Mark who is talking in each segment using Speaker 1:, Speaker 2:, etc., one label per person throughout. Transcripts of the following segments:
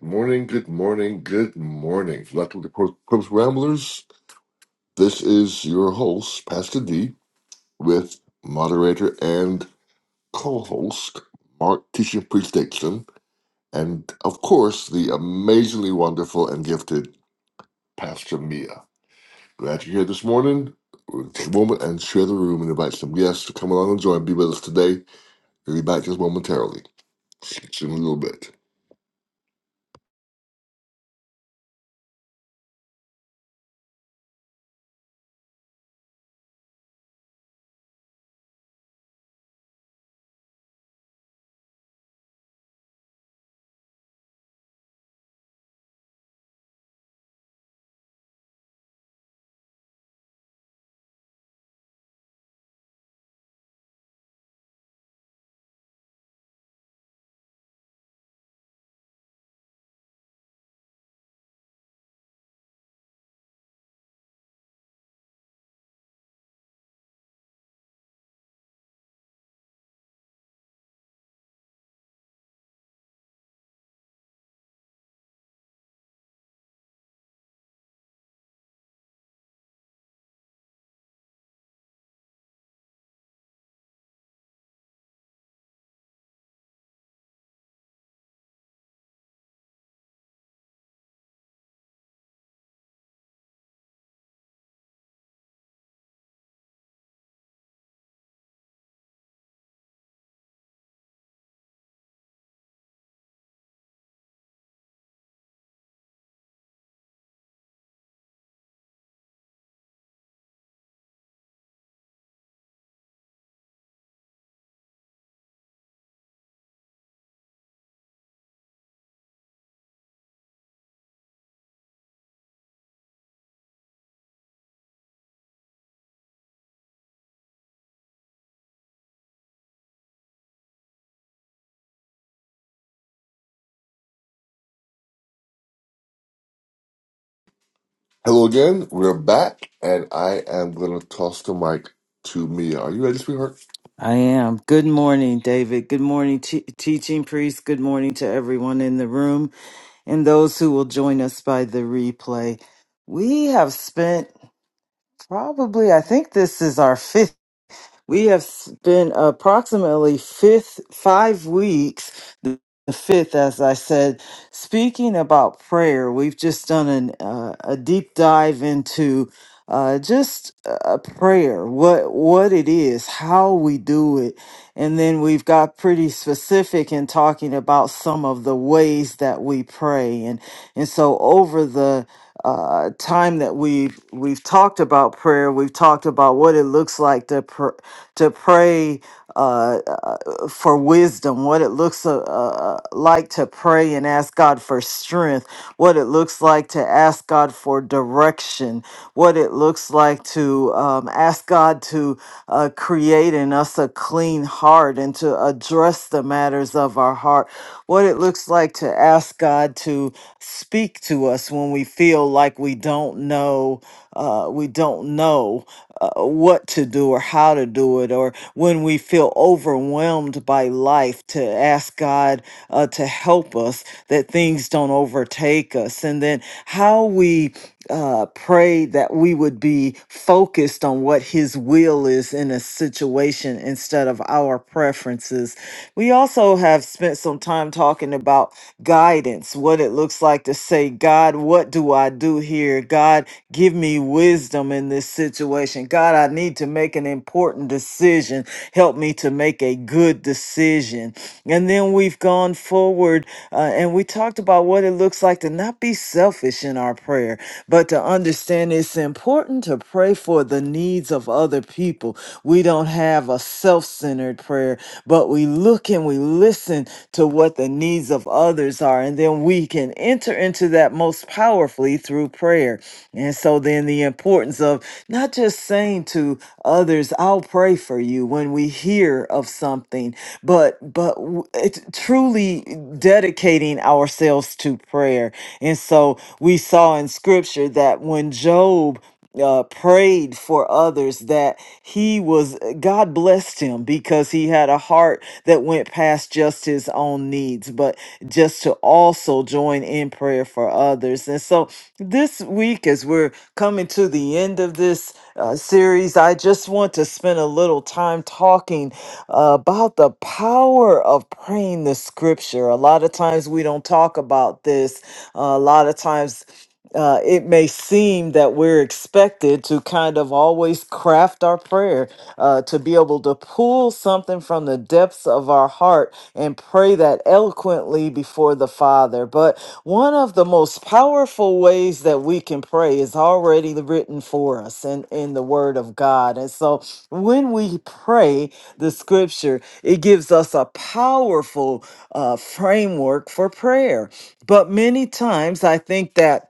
Speaker 1: Good morning, good morning, good morning. Welcome to Cor- Corpse Ramblers. This is your host, Pastor D, with moderator and co host, Mark Teaching Priest Dixon, and of course, the amazingly wonderful and gifted Pastor Mia. Glad you're here this morning. We'll Take a moment and share the room and invite some guests to come along and join and be with us today. We'll be back just momentarily. Switch him a little bit. Hello again. We're back, and I am gonna toss the mic to Mia. Are you ready, sweetheart?
Speaker 2: I am. Good morning, David. Good morning, te- teaching priest. Good morning to everyone in the room and those who will join us by the replay. We have spent probably, I think this is our fifth. We have spent approximately fifth five weeks, the fifth, as I said, speaking about prayer. We've just done an, uh, a deep dive into uh, just uh, prayer, what what it is, how we do it, and then we've got pretty specific in talking about some of the ways that we pray. And, and so over the uh, time that we've, we've talked about prayer, we've talked about what it looks like to, pr- to pray uh, uh, for wisdom, what it looks uh, uh, like to pray and ask God for strength, what it looks like to ask God for direction, what it looks like to um, ask God to uh, create create in us a clean heart and to address the matters of our heart. What it looks like to ask God to speak to us when we feel like we don't know, uh, we don't know uh, what to do or how to do it, or when we feel overwhelmed by life, to ask God uh, to help us that things don't overtake us. And then how we uh, pray that we would be focused on what His will is in a situation instead of our preferences. We also have spent some time talking about guidance, what it looks like to say, God, what do I do here? God, give me wisdom in this situation. God, I need to make an important decision decision. Help me to make a good decision. And then we've gone forward uh, and we talked about what it looks like to not be selfish in our prayer, but to understand it's important to pray for the needs of other people. We don't have a self centered prayer, but we look and we listen to what the needs of others others are, and then we can enter into that most powerfully through prayer. And so, then the importance of not just saying to others, I'll pray for you when we hear of something, but but w- it's truly dedicating ourselves to prayer. And so, we saw in scripture that when Job uh, prayed for others that he was god blessed him because he had a heart that went past just his own needs but just to also join in prayer for others and so this week as we're coming to the end of this uh, series i just want to spend a little time talking uh, about the power of praying the scripture a lot of times we don't talk about this Uh, a lot of times uh, it may seem that we're expected to kind of always craft our prayer uh, to be able to pull something from the depths of our heart and pray that eloquently before the Father. But one of the most powerful ways that we can pray is already written for us in, in the Word of God. And so when we pray the scripture, it gives us a powerful uh, framework for prayer. But many times I think that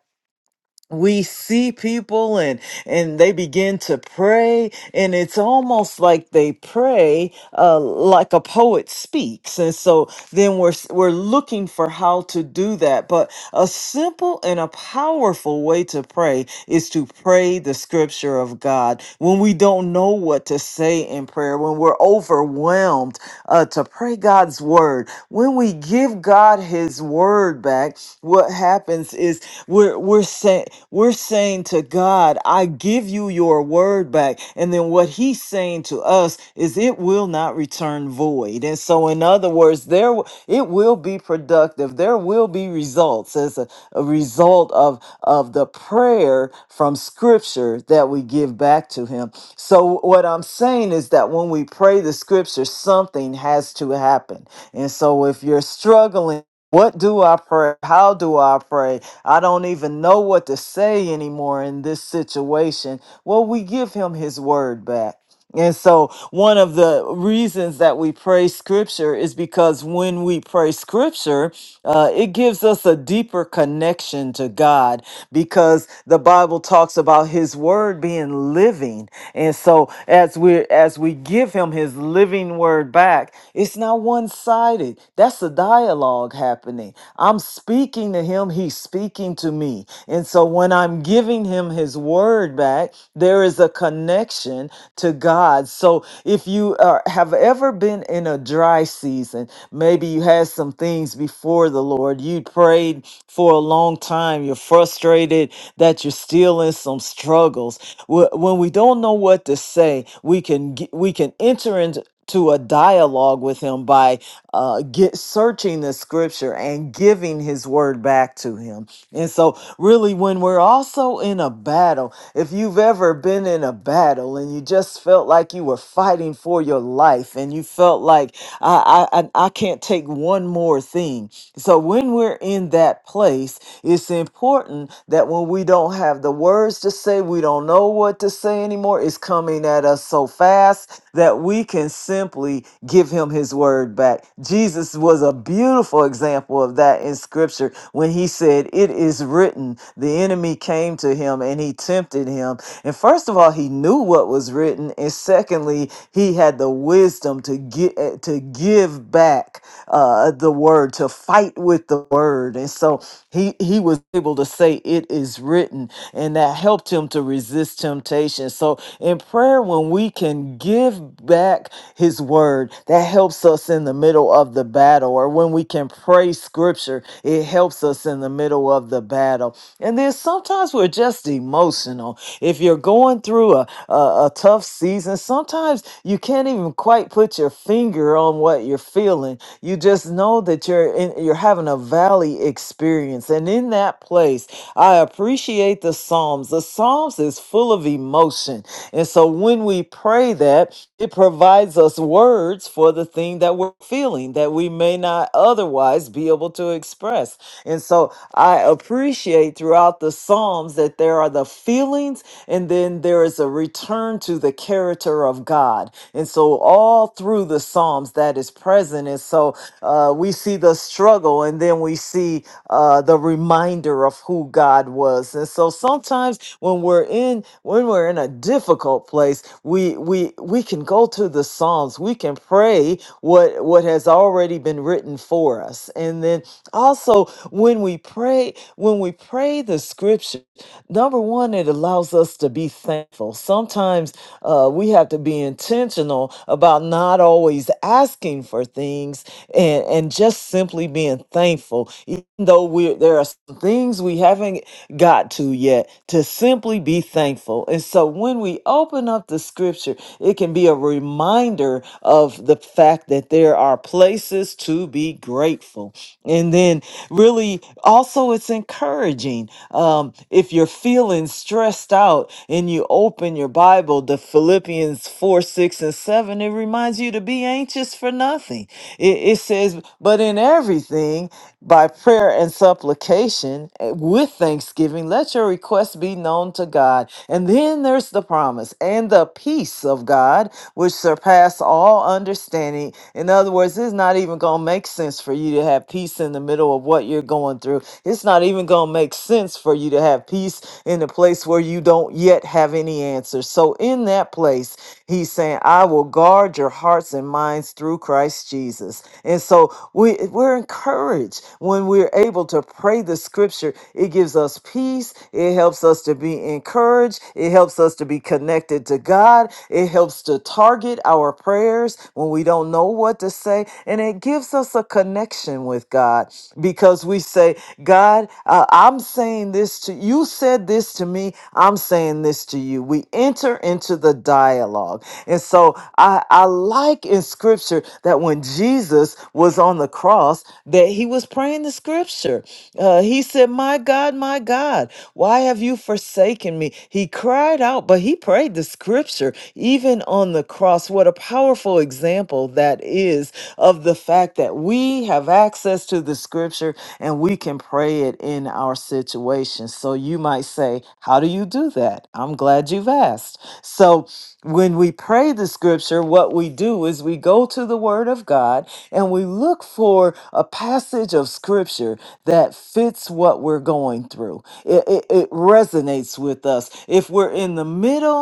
Speaker 2: we see people and and they begin to pray and it's almost like they pray uh, like a poet speaks and so then we're s- we're looking for how to do that but a simple and a powerful way to pray is to pray the scripture of god when we don't know what to say in prayer when we're overwhelmed uh, to pray god's word when we give god his word back, what happens is we're we're saying we're saying to God, I give you your word back. And then what he's saying to us is it will not return void. And so in other words, there w- it will be productive. There will be results as a, a result of of the prayer from scripture that we give back to him. So what I'm saying is that when we pray the scripture, something has to happen. And so if you're struggling what do I pray? How do I pray? I don't even know what to say anymore in this situation. Well, we give him his word back. And so, one of the reasons that we pray scripture is because when we pray scripture, uh, it gives us a deeper connection to God because the Bible talks about his word being living. And so as we as we give him his living word back, it's not one-sided. That's a dialogue happening. I'm speaking to him, he's speaking to me. And so when I'm giving him him his word back, there is a connection to God. So if you are, have ever been in a dry season, maybe you had some things before the Lord, you prayed for a long time, you're frustrated that you're still in some struggles. Wh- When we don't know what to say, we can get, we can enter into to a dialogue with him by uh, get searching the scripture and giving his word back to him and so, really, when we're also in a battle, if you've ever been in a battle and you just felt like you were fighting for your life and you felt like I, I I I can't take one more thing. So when we're in that place, it's important that when we don't have the words to say, we don't know what to say anymore. It's coming at us so fast that we can simply give him his word back. Jesus was a beautiful example of that in scripture when he said, It is written, the enemy came to him and he tempted him. And first of all, he knew what was written. And secondly, he had had the wisdom to get to give back uh, the word, to fight with the word, and so he he was able to say, "It is written," and that helped him to resist temptation. So in prayer, when we can give back His word, that helps us in the middle of the battle, or when we can pray Scripture, it helps us in the middle of the battle. And then sometimes we're just emotional. If you're going through a a, a tough tough season. Sometimes you can't even quite put your finger on what you're feeling. You just know that you're in, you're having a valley experience. And in that place, I appreciate the Psalms. The Psalms is full of emotion. And so when we pray that, it provides us words for the thing that we're feeling that we may not otherwise be able to express. And so I appreciate throughout the Psalms that there are the feelings and then there is a return to the character of God. And so all through the Psalms that is present. And so uh, we see the struggle and then we see uh, the reminder of who God was. And so sometimes when we're in when we're in a difficult place, we we we can go to the Psalms. We can pray what what has already been written for us. And then also when we pray when we pray the scripture Number one, it allows us to be thankful. Sometimes uh, we have to be intentional about not always asking for things and, and just simply being thankful. Even though we there are some things we haven't got to yet, to simply be thankful. And so when we open up the scripture, it can be a reminder of the fact that there are places to be grateful and then really also it's encouraging um, if you're feeling stressed out and you open your bible the philippians 4 6 and 7 it reminds you to be anxious for nothing it, it says but in everything by prayer and supplication eh, with thanksgiving let your requests be known to god and then there's the promise and the peace of god which surpass all understanding in other words it's not even going to make sense for you to have peace in the middle of what you're going through. It's not even going to make sense for you to have peace in the place where you don't yet have any answers. So, in that place, he's saying, I will guard your hearts and minds through Christ Jesus. And so, we, we're encouraged when we're able to pray the scripture. It gives us peace, it helps us to be encouraged, it helps us to be connected to God, it helps to target our prayers prayers, when we don't know what to say. And it gives us a connection with God because we say, God, uh, I'm saying this to you, said this to me, I'm saying this to you. We enter into the dialogue. And so I, I like in scripture that when Jesus was on the cross, that he was praying the scripture. Uh, he said, My God, my God, why have you forsaken me? He cried out, but he prayed the scripture even on the cross. What a powerful example that is of the fact that we have access to the scripture and we can pray it in our situation. So you might say, How do you do that? I'm glad you've asked. So when we pray the scripture, what we do is we go to the word of God and we look for a passage of scripture that fits what we're going through. It, it, it resonates with us. If we're in the middle,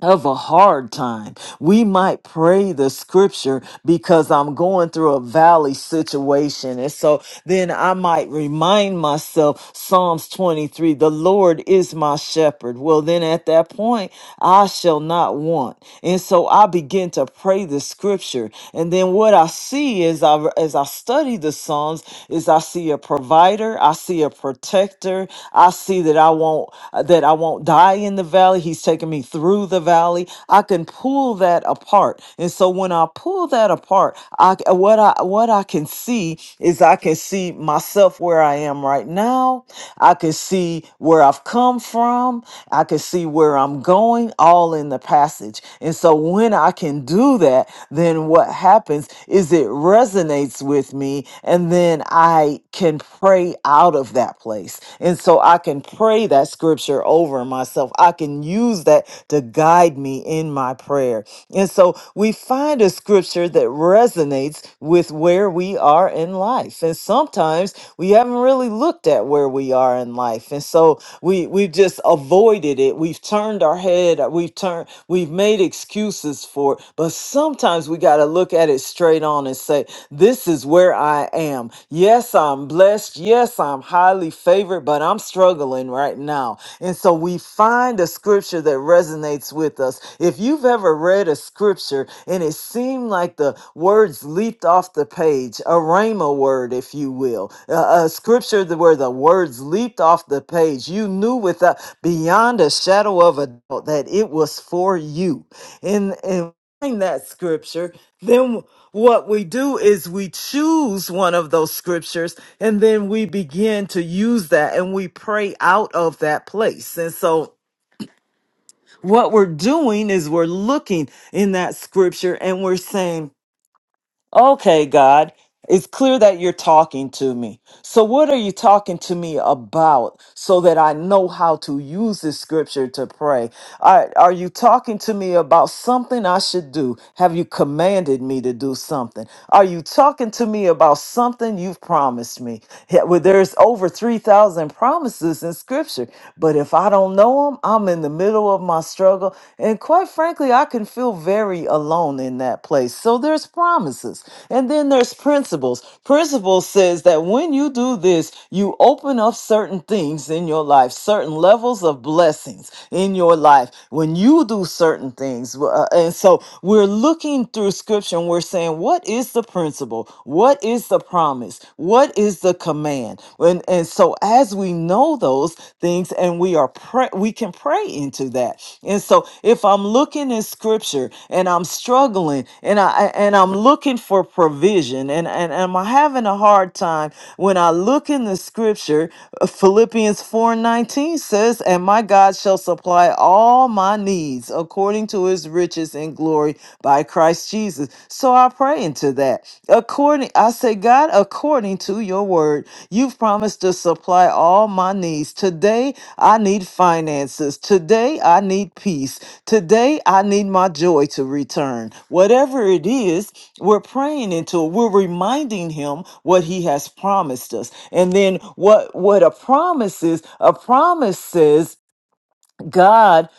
Speaker 2: of a hard time. We might pray the scripture because I'm going through a valley situation. And so then I might remind myself Psalms 23, the Lord is my shepherd. Well, then at that point, I shall not want. And so I begin to pray the scripture. And then what I see as I as I study the Psalms is I see a provider, I see a protector, I see that I won't won't uh, that I won't die in the valley. He's taken me through the valley. I can pull that apart. And so when I pull that apart, I what I what I can see is I can see myself where I am right now. I can see where I've come from. I can see where I'm going all in the passage. And so when I can do that, then what happens is it resonates with me and then I can pray out of that place. And so I can pray that scripture over myself. I can use that to guide me in my prayer. And so we find a scripture that resonates with where we are in life. And sometimes we haven't really looked at where we are in life. And so we we've just avoided it. We've turned our head, we've turned we've made excuses for it. But sometimes we got to look at it straight on and say, this is where I am. Yes, I'm blessed. Yes, I'm highly favored, but I'm struggling right now. And so we find a scripture that resonates with us. If you've ever read a scripture and it seemed like the words leaped off the page, a rhema word, if you will, a, a scripture that- where the words leaped off the page, you knew without beyond a shadow of a doubt that it was for you. And and find that scripture then what we do is we choose one of those scriptures and then we begin to use that and we pray out of that place. And so what we're doing is we're looking in that scripture and we're saying, Okay, God, it's clear that you're talking to me. So, what are you talking to me about so that I know how to use this scripture to pray? Are, are you talking to me about something I should do? Have you commanded me to do something? Are you talking to me about something you've promised me? Yeah, Well, there's over 3,000 promises in scripture, but if I don't know them, I'm in the middle of my struggle. And quite frankly, I can feel very very alone in that place. So there's promises. And then there's principles. Principles says that when you do this, you open up certain things in your life, certain levels of blessings in your life when you do certain things. Uh, and so we're looking through scripture and we're saying, what is the principle? What is the promise? What is the command? And, and so as we we know those things and we are pray we can pray into that and so if i'm looking in scripture and i'm struggling and i and i'm looking for provision and and, and i'm having a hard time when i look in the scripture uh, philippians 4 19 says and my god shall supply all my needs according to his riches in glory by christ jesus so so I pray into that. According, I say, God, according to your word, you've promised to supply all my needs. Today, I need finances. Today, I need peace. Today, I need my joy to return. Whatever it is, we're praying into it. We're reminding him what he has promised us. And then what, what a promise is, a promise says God,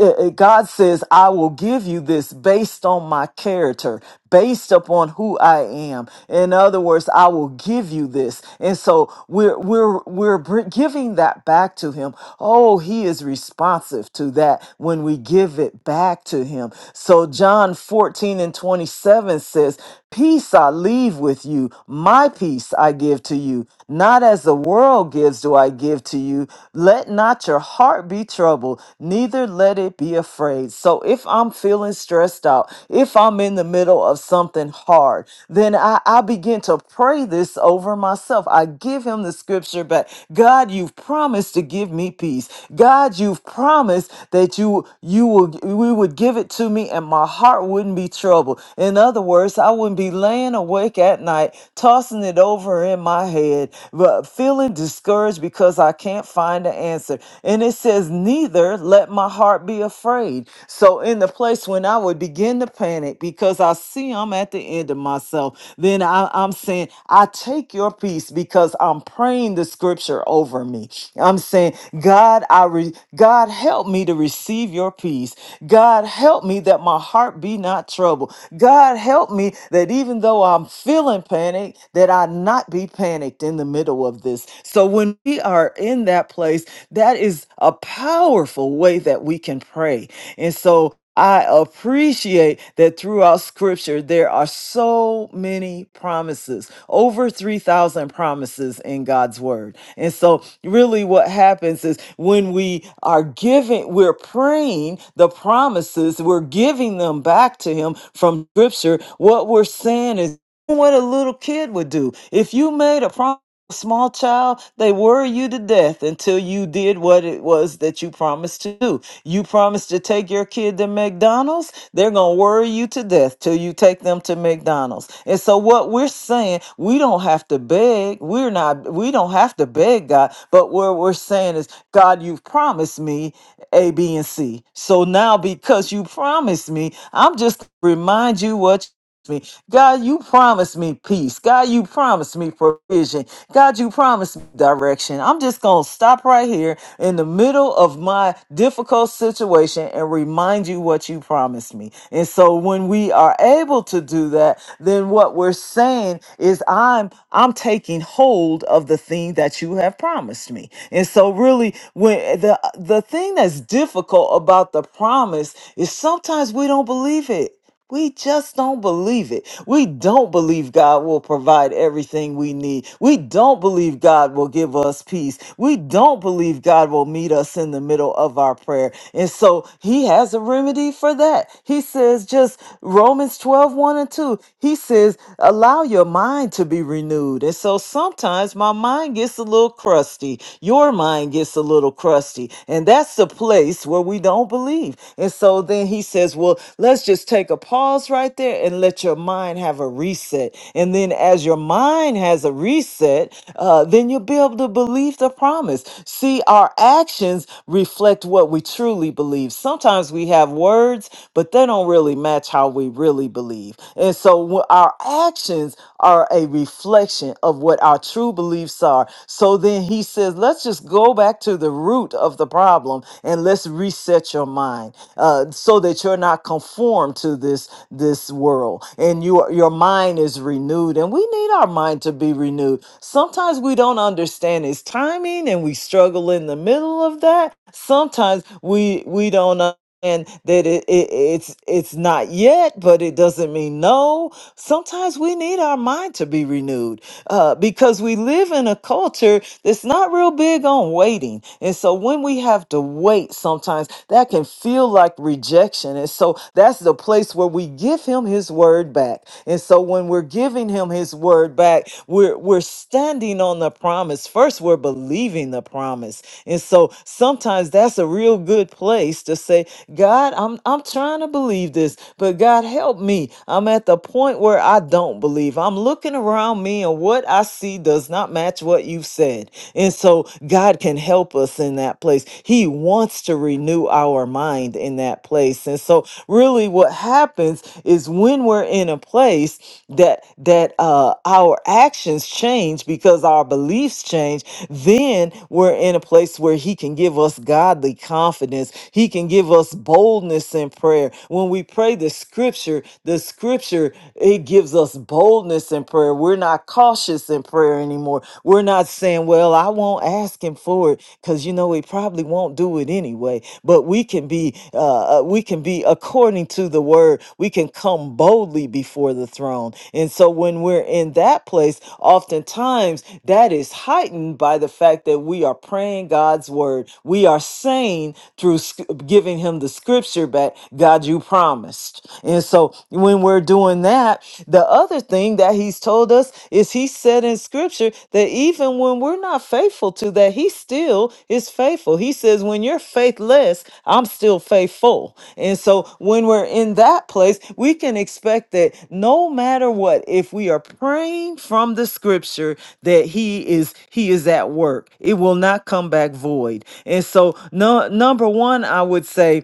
Speaker 2: uh, uh, God says, I will give you this based on my character, based upon who I am. In other words, I will give you this. And so we're, we're, we're br- giving that back to him. Oh, he is responsive to that when we give it back to him. So John 14 and 27 says, peace I leave with you. My peace I give to you, not not as the world gives do I give to you. Let not your heart be troubled, neither let it be afraid. So if I'm feeling stressed out, if I'm in the middle of something hard, then I, I begin to pray this over myself. I give him the scripture back. God, you've promised to give me peace. God, you've promised that you you will we would give it to me and my heart wouldn't be troubled. In other words, other words, I wouldn't be laying awake at night, tossing it over in my head, but feeling discouraged because I can't find the answer. And it says, Neither let my heart be afraid. So, in the place when I would begin to panic because I see I'm at the end of myself, then I, I'm saying, I take your peace because I'm praying the scripture over me. I'm saying, God, I re- God help me to receive receive your peace. God, help me that my heart be not troubled. God, help me that even though I'm feeling panic, that I not be panicked in the middle of this. So when we are in that place, that is a powerful way that we can pray. And so I appreciate that throughout scripture there are so many promises, over 3,000 promises in God's word. And so really what happens is when we are giving we're praying the promises we're giving them back to him from scripture what we're saying is what a little kid would do if you made a promise small child, they worry you to death until you did what it was that you promised to do. You promised to take your kid to McDonald's. They're going to worry you to death till you take them to McDonald's. And so what we're saying, we don't have to beg. We're not we don't have to beg God, but what we're saying is, God, you've promised me A, B, and C. So now because you promised me, I'm just remind you what you promised me. God, you promised me peace. God, you promised me provision. God, you promised me direction. I'm just going to stop right here in the middle of my difficult situation and remind you what you promised me. And so when we are able to do that, then what we're saying is I'm I'm taking hold of the thing that you have promised me. And so really when the the thing that's difficult about the promise is sometimes we don't believe it. We just don't believe it. We don't believe God will provide everything we need. We don't believe God will give us peace. We don't believe God will meet us in the middle of our prayer. And so he has a remedy for that. He says, just Romans twelve one and 2, he says, allow your mind to be renewed. And so sometimes my mind gets a little crusty. Your mind gets a little little crusty. And that's the place where we don't believe. And so then he says, Well, let's just take a pause right there and let your mind have a reset. And then as your mind has a reset, uh, then you'll be able to believe the promise. See, our actions reflect what we truly believe. Sometimes we have words, but they don't really match how we really believe. And so wh- our actions are a reflection of what our true beliefs are. So then he says, let's just go back to the root of the problem and let's reset your mind uh, so that you're not conformed to this this world and your your mind is renewed. And we need our mind to be renewed. Sometimes we don't understand its timing and we struggle in the middle of that. Sometimes we we don't. understand that it, it it's it's not yet but it doesn't mean no Sometimes we need our mind to be renewed uh, because we live in a culture that's not real big on waiting. And so when we have to wait, sometimes that can feel like rejection. And so that's the place where we give him his word back. And so when we're giving him his word back, we're we're standing on the promise. First, we're believing the promise. And so sometimes that's a real good place to say, God, I'm I'm trying to believe this, but God help me. I'm at the point where I don't believe don't believe. I'm looking around me, and what I see does not match what you've said. And so, God can help us in that place. He wants to renew our mind in that place. And so, really, what happens is when we're in a place that that uh, our actions change because our beliefs change, then we're in a place where He can give us godly confidence. He can give us boldness in prayer. When we pray the Scripture, the Scripture scripture, it gives us boldness in prayer. We're not cautious in prayer anymore. We're not saying, well, I won't ask him for it because, you know, he probably won't do it anyway. But we can be, uh, uh, we can be according to the word. We can come boldly before the throne. And so when we're in that place, oftentimes that is heightened by the fact that we are praying God's word. We are saying through sc- giving him the scripture back, God, you promised promised. And so when we're doing that, the other thing that he's told us is he said in scripture that even when we're not faithful to that, he still is faithful. He says, When you're faithless, I'm still faithful. And so when we're in that place, we can expect that no matter what, if we are praying from the scripture that he is he is at work. It will not come back void. And so no number one, I would say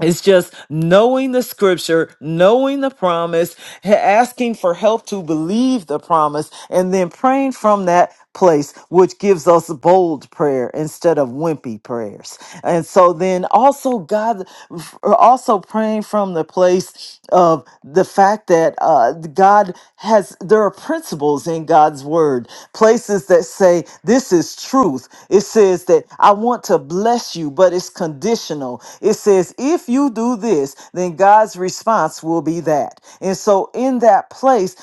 Speaker 2: it's just knowing the scripture, knowing the promise, ha- asking for help to believe the promise, and then praying from that place, which gives us bold prayer instead of wimpy prayers. And so then also God, also praying from the place of the fact that uh, God has, there are principles in God's word, places that say, this is truth. It says that I want to to bless you, but it's conditional. It says, if you do this, then God's response will be that. And so, in that place,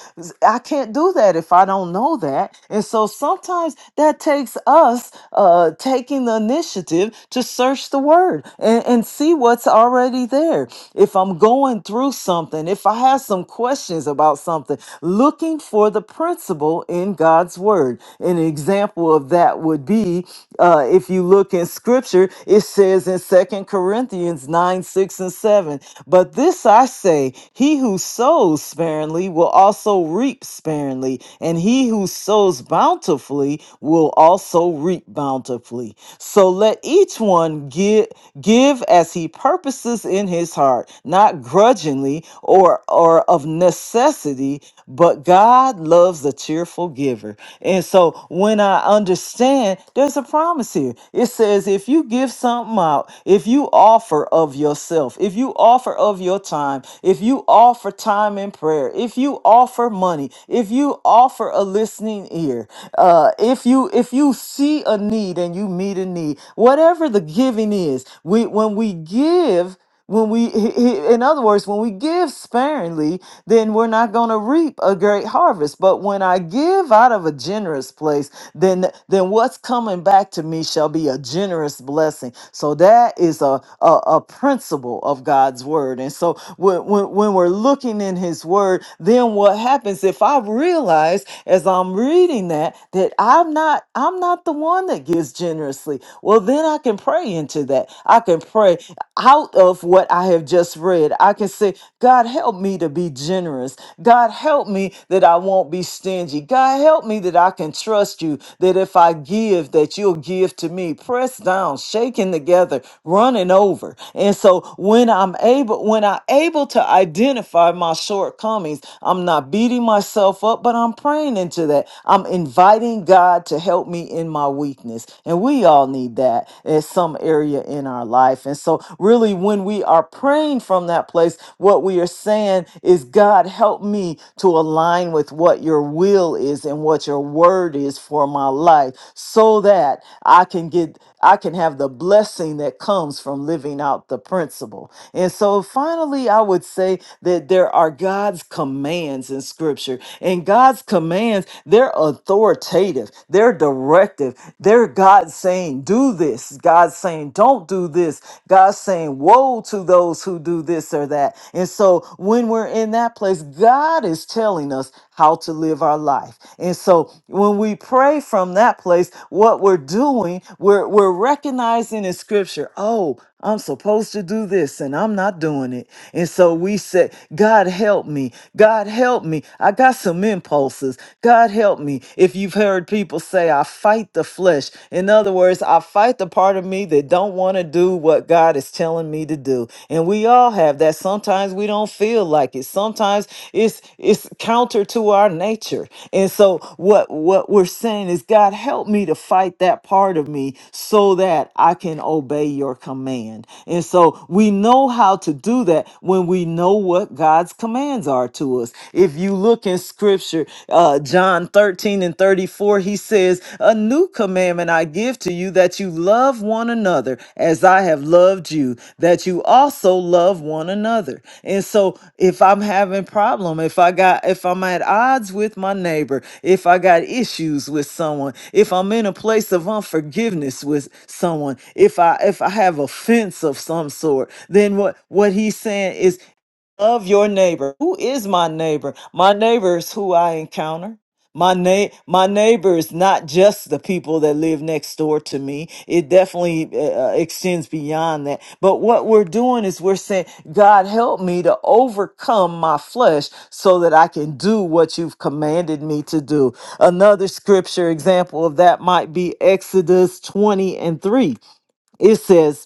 Speaker 2: I can't do that if I don't know that. And so, sometimes that takes us uh, taking the initiative to search the word and, and see what's already there. If I'm going through something, if I have some questions about something, looking for the principle in God's word. An example of that would be uh, if you look in scripture, it says in Second Corinthians 9, 6, and 7, but this I say, he who sows sparingly will also reap sparingly, and he who sows bountifully will also reap bountifully. So let each one give, give as he purposes in his heart, not grudgingly or, or of necessity, but God loves a cheerful cheerful giver. And so when I understand, there's a promise here. It says, if you give something out, if you offer of yourself, if you offer of your time, if you offer time in prayer, if you offer money, if you offer a listening ear, uh, if you if you see a need and you meet a need, whatever the giving is, we when we give. When we, he, he- in other words, when we give sparingly, then we're not going to reap a great harvest. But when I give out of a generous place, then then what's coming back to me shall be a generous blessing. So that is a a, a principle of God's word. And so when, when when we're looking in His word, then what happens if I realize as I'm reading that that I'm not I'm not the one that gives generously? Well, then I can pray into that. I can pray out of what I have just read, I can say, God, help me to be generous. God, help me that I won't be stingy. God, help me that I can trust you, that if I give, that you'll give to me. Pressed down, shaken together, running over. And so when I'm able, when I'm able to identify my shortcomings, I'm not beating myself up, but I'm praying into that. I'm inviting God to help me in my weakness. And we all need that in some area in our life. And so, really, when we are praying from that place, what we are saying is, God, help me to align with what your will is and what your word is for my life so that I can get, I can have the blessing that comes from living out the principle. And so, finally, I would say that there are God's commands in scripture, and God's commands, they're authoritative, they're direct directive. They're God saying, do this. God saying, don't do this. God saying, woe to those who do this or that. And so when we're in that place, God is telling us how to live our life. And so when we pray from that place, what we're doing, we're, we're recognizing in scripture, oh, I'm supposed to do this and I'm not doing it. And so we say, God help me. God help me. I got some impulses. God help me. If you've heard people say, I fight the flesh. In other words, I fight the part of me that don't want to do what God is telling me to do. And we all have that. Sometimes we don't feel like it. Sometimes it's it's it's counter to our nature and so what what we're saying is god help me to fight that part of me so that i can obey your command and so we know how to do that when we know what god's commands are to us if you look in scripture uh john 13 and 34 he says a new commandment i give to to you that you love one another as I have loved you, that you also love one another. And so if I'm having problem, if I got if I'm at odds with my neighbor, if I got issues with someone, if I'm in a place of unforgiveness with someone, if I if I have offense of some sort, then what what he's saying is Love your neighbor. Who is my neighbor? My neighbor is who I encounter. My na- my neighbor is not just the people that live next door to me. It definitely uh, uh, extends beyond that. But what we're doing is we're saying, God, help me to overcome my flesh so that I can do what you've commanded me to do. Another scripture example of that might be Exodus 20 and 3. It says,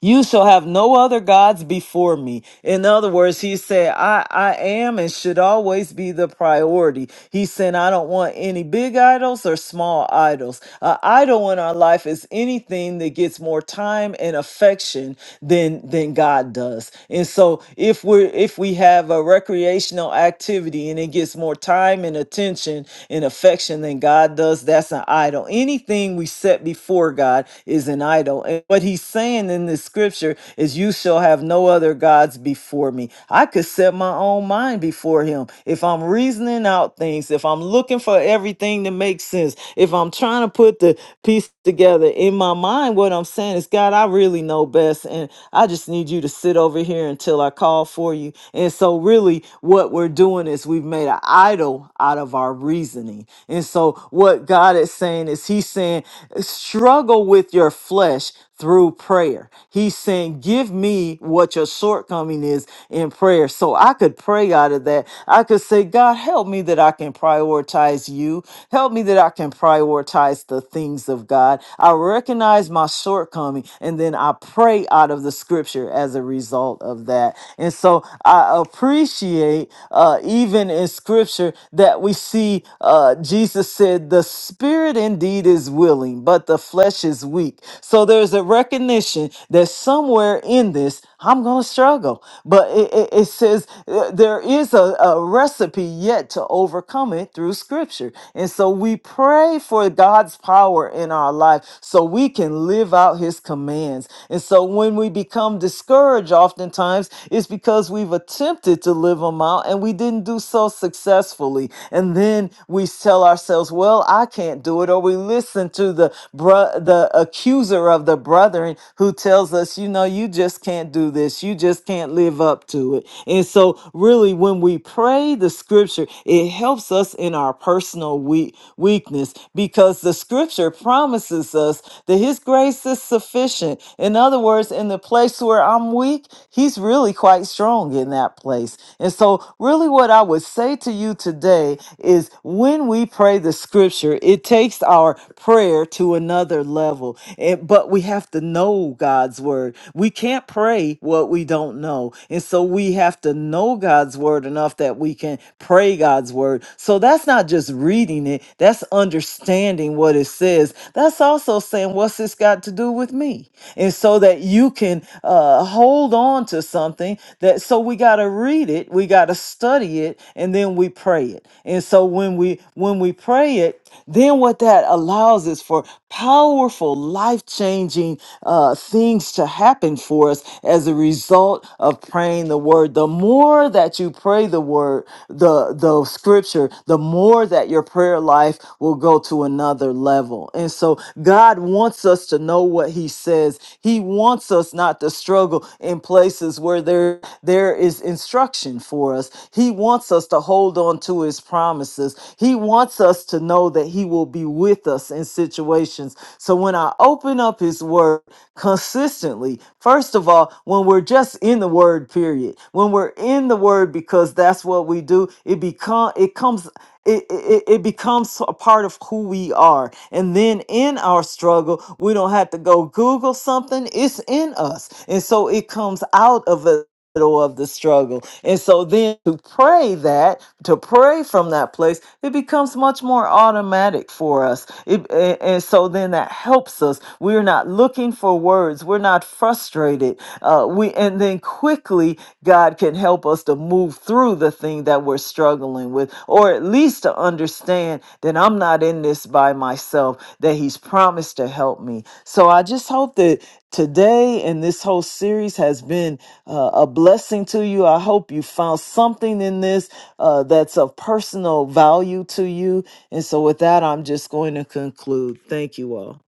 Speaker 2: you shall have no other gods before me. In other words, he said, I, I am and should always be the priority. He said, I don't want any big idols or small idols. An idol in our life is anything that gets more time and affection than than God does. And so if we're if we have a recreational activity and it gets more time and attention and affection than God does, that's an idol. Anything we set before God is an idol. And what he's saying in this this scripture is you shall have no other gods before me. I could set my own mind before him. If I'm reasoning out things, if I'm looking for everything to make sense, if I'm trying to put the piece together in my mind, what I'm saying is, God, I really know best. And I just need you to sit over here until I call for you. And so, really, what we're doing is we've made an idol out of our reasoning. And so, what God is saying is, He's saying, struggle with your flesh through prayer. He's saying, Give me what your shortcoming is in prayer. So I could pray out of that. I could say, God, help me that I can prioritize you. Help me that I can prioritize the things of God. I recognize my shortcoming and then I pray out of the scripture as a result of that. And so I appreciate, uh, even in scripture, that we see uh, Jesus. Jesus said, The spirit indeed is willing, but the flesh is weak. So there's a recognition that somewhere in this, I'm going to struggle. But it, it- it says uh, there is a, a recipe yet to overcome it through scripture. And so we pray for God's power in our life so we can live out his commands. And so when we become discouraged, oftentimes it's because we've attempted to live them out and we didn't do so successfully. And then we tell ourselves, well, I can't do it. Or we listen to the, bro- the accuser of the brethren who tells us, you know, you just can't do this. You just can't live up to it. And so, really, when we pray the scripture, it helps us in our personal we- weakness because the scripture promises us that His grace is sufficient sufficient. In other words, in the place where I'm weak, he's really quite strong in that place. And so, really, what I would say to you today is when we pray the scripture, it takes our prayer to another level. And, but we have to know God's word. We can't pray what we don't know. And so, we have to know God's word enough that we can pray God's word. So, that's not just reading it it. That's understanding what it says. That's also saying, what's this got to do with me? And so that you can uh, hold on to something that, so we got to read it, we got to study it, and then we pray it. And so when we, when we pray it, then what that allows is for powerful life-changing uh, things to happen for us as a result of praying the word the more that you pray the word the the scripture the more that your prayer life will go to another level and so God wants us to know what He says. He wants us not to struggle in places where there, there is instruction for us. He wants us to hold on to His promises. He wants us to know that He will be with us in situations. So when I open up His Word consistently, first of all, when we're just in the Word, period, when we're in the Word because that's what we do, it become it comes it, it, it becomes a part of who we are. And then in our struggle, we don't have to go Google something, it's in us. And so it comes out of us middle of the struggle. And so then to pray that, to pray from that place, it becomes much more automatic for us. It, and, and so then that helps us. We're not looking for words. We're not frustrated. Uh, we and then quickly God can help us to move through the thing that we're struggling with, or at least to understand that I'm not in this by myself. That He's promised to help me. So I just hope that today and this whole series has been uh, a blessing to you. I hope you found something in this uh, that's of personal value to you. And so, with that, I'm just going to conclude. Thank you all.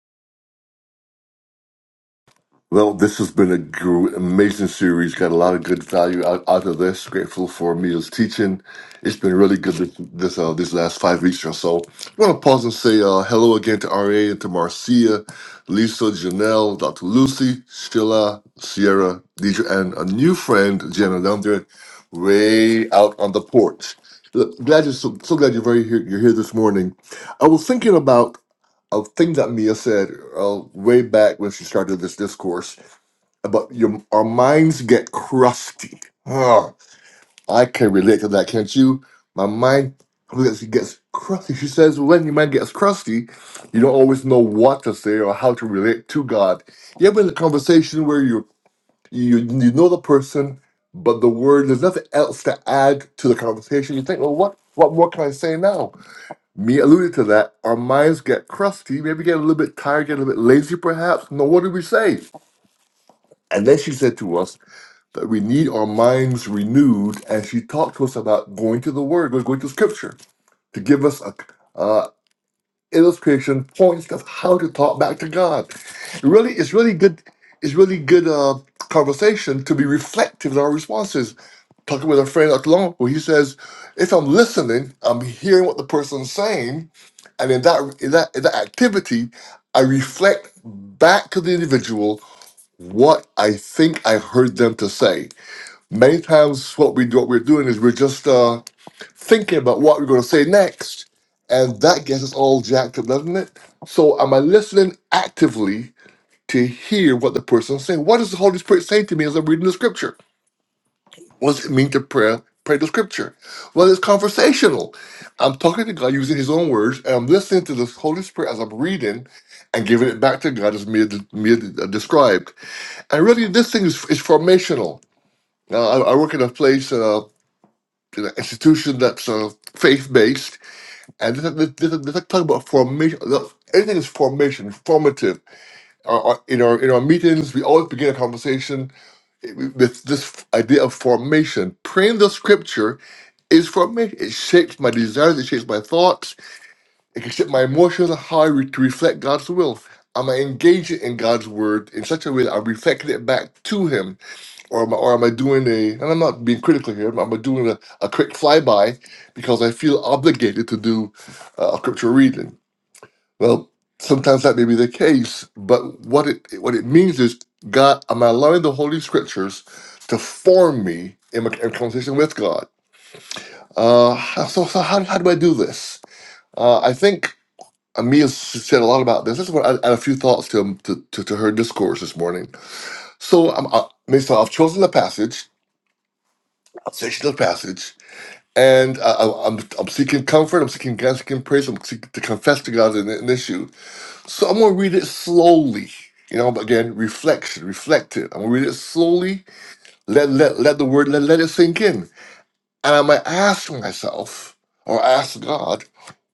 Speaker 1: Well, this has been a gr- amazing series. Got a lot of good value out, out of this. Grateful for Mia's teaching. It's been really good this this, uh, these last five weeks or so. I want to pause and say uh, hello again to RA and to Marcia, Lisa, Janelle, Dr. Lucy, Sheila, Sierra, Deidre, and a new friend, Jenna, down there, way out on the porch. Look, Glad you're so, so glad you're very here. You're here this morning. I was thinking about a thing that Mia said uh, way back when she started this discourse but your our minds get crusty. Ugh, I can relate to that, can't you? My mind gets, gets crusty. She says, when your mind gets crusty, you don't always know what to say or how to relate to God. You ever in a conversation where you you you know the person, but the word there's nothing else to add to the conversation. You think, well, what what more can I say now? Me alluded to that. Our minds get crusty, maybe get a little bit tired, get a little bit lazy, perhaps. No, what do we say? And then she said to us that we need our minds renewed. And she talked to us about going to the Word, going to Scripture, to give us a uh, illustration, points of how to talk back to God. Really, it's really good. It's really good uh, conversation to be reflective in our responses. Talking with a friend not too long ago, he says, "If I'm listening, I'm hearing what the person's saying, and in that in that in that activity, I reflect back to the individual what I think I heard them to say." Many times, what we do, what we're doing is we're just uh, thinking about what we're going to say next, and that gets us all jacked up, doesn't it? So, am I listening actively to hear what the person's saying? What is the Holy Spirit saying to me as I'm reading the Scripture? What does it mean to pray? Pray the Scripture. Well, it's conversational. I'm talking to God using His own words, and I'm listening to the Holy Spirit as I'm reading and giving it back to God as Mia, Mia described. And really, this thing is, is formational. Now, I, I work in a place. uh, an institution that's sort of faith based, and this, this, this, this like talk about formation. look, Everything is formation, formative. Our, our- in our in our meetings, we always begin a conversation with this idea of formation. Praying the scripture is formation. It shapes my desires. It shapes my thoughts. It can shape my emotions and how I re- to reflect God's will. Am I engaging in God's word in such a way that I'm reflecting it back to Him? or am I, or am I doing a, and I'm not being critical here, but am I doing a, a quick flyby because I feel obligated to do uh, a scripture reading? Well, sometimes that may be the case, but what it what it means is God, am I allowing the Holy Scriptures to form me in my in conversation with God? Uh, so, so how, how do I do this? Uh, I think Amia said a lot about this. This is what I, I had a few thoughts to, to, to, to her discourse this morning. So, I'm, I, so I've chosen the passage, a section of the passage, and I, I, I'm I'm seeking comfort. I'm seeking God, seeking praise. I'm seeking to confess to God an, an issue. So I'm gonna read it slowly. You know, but again, reflection, reflect it. I'm gonna read it slowly. Let let let the word let let it sink in. And I might ask myself or ask God,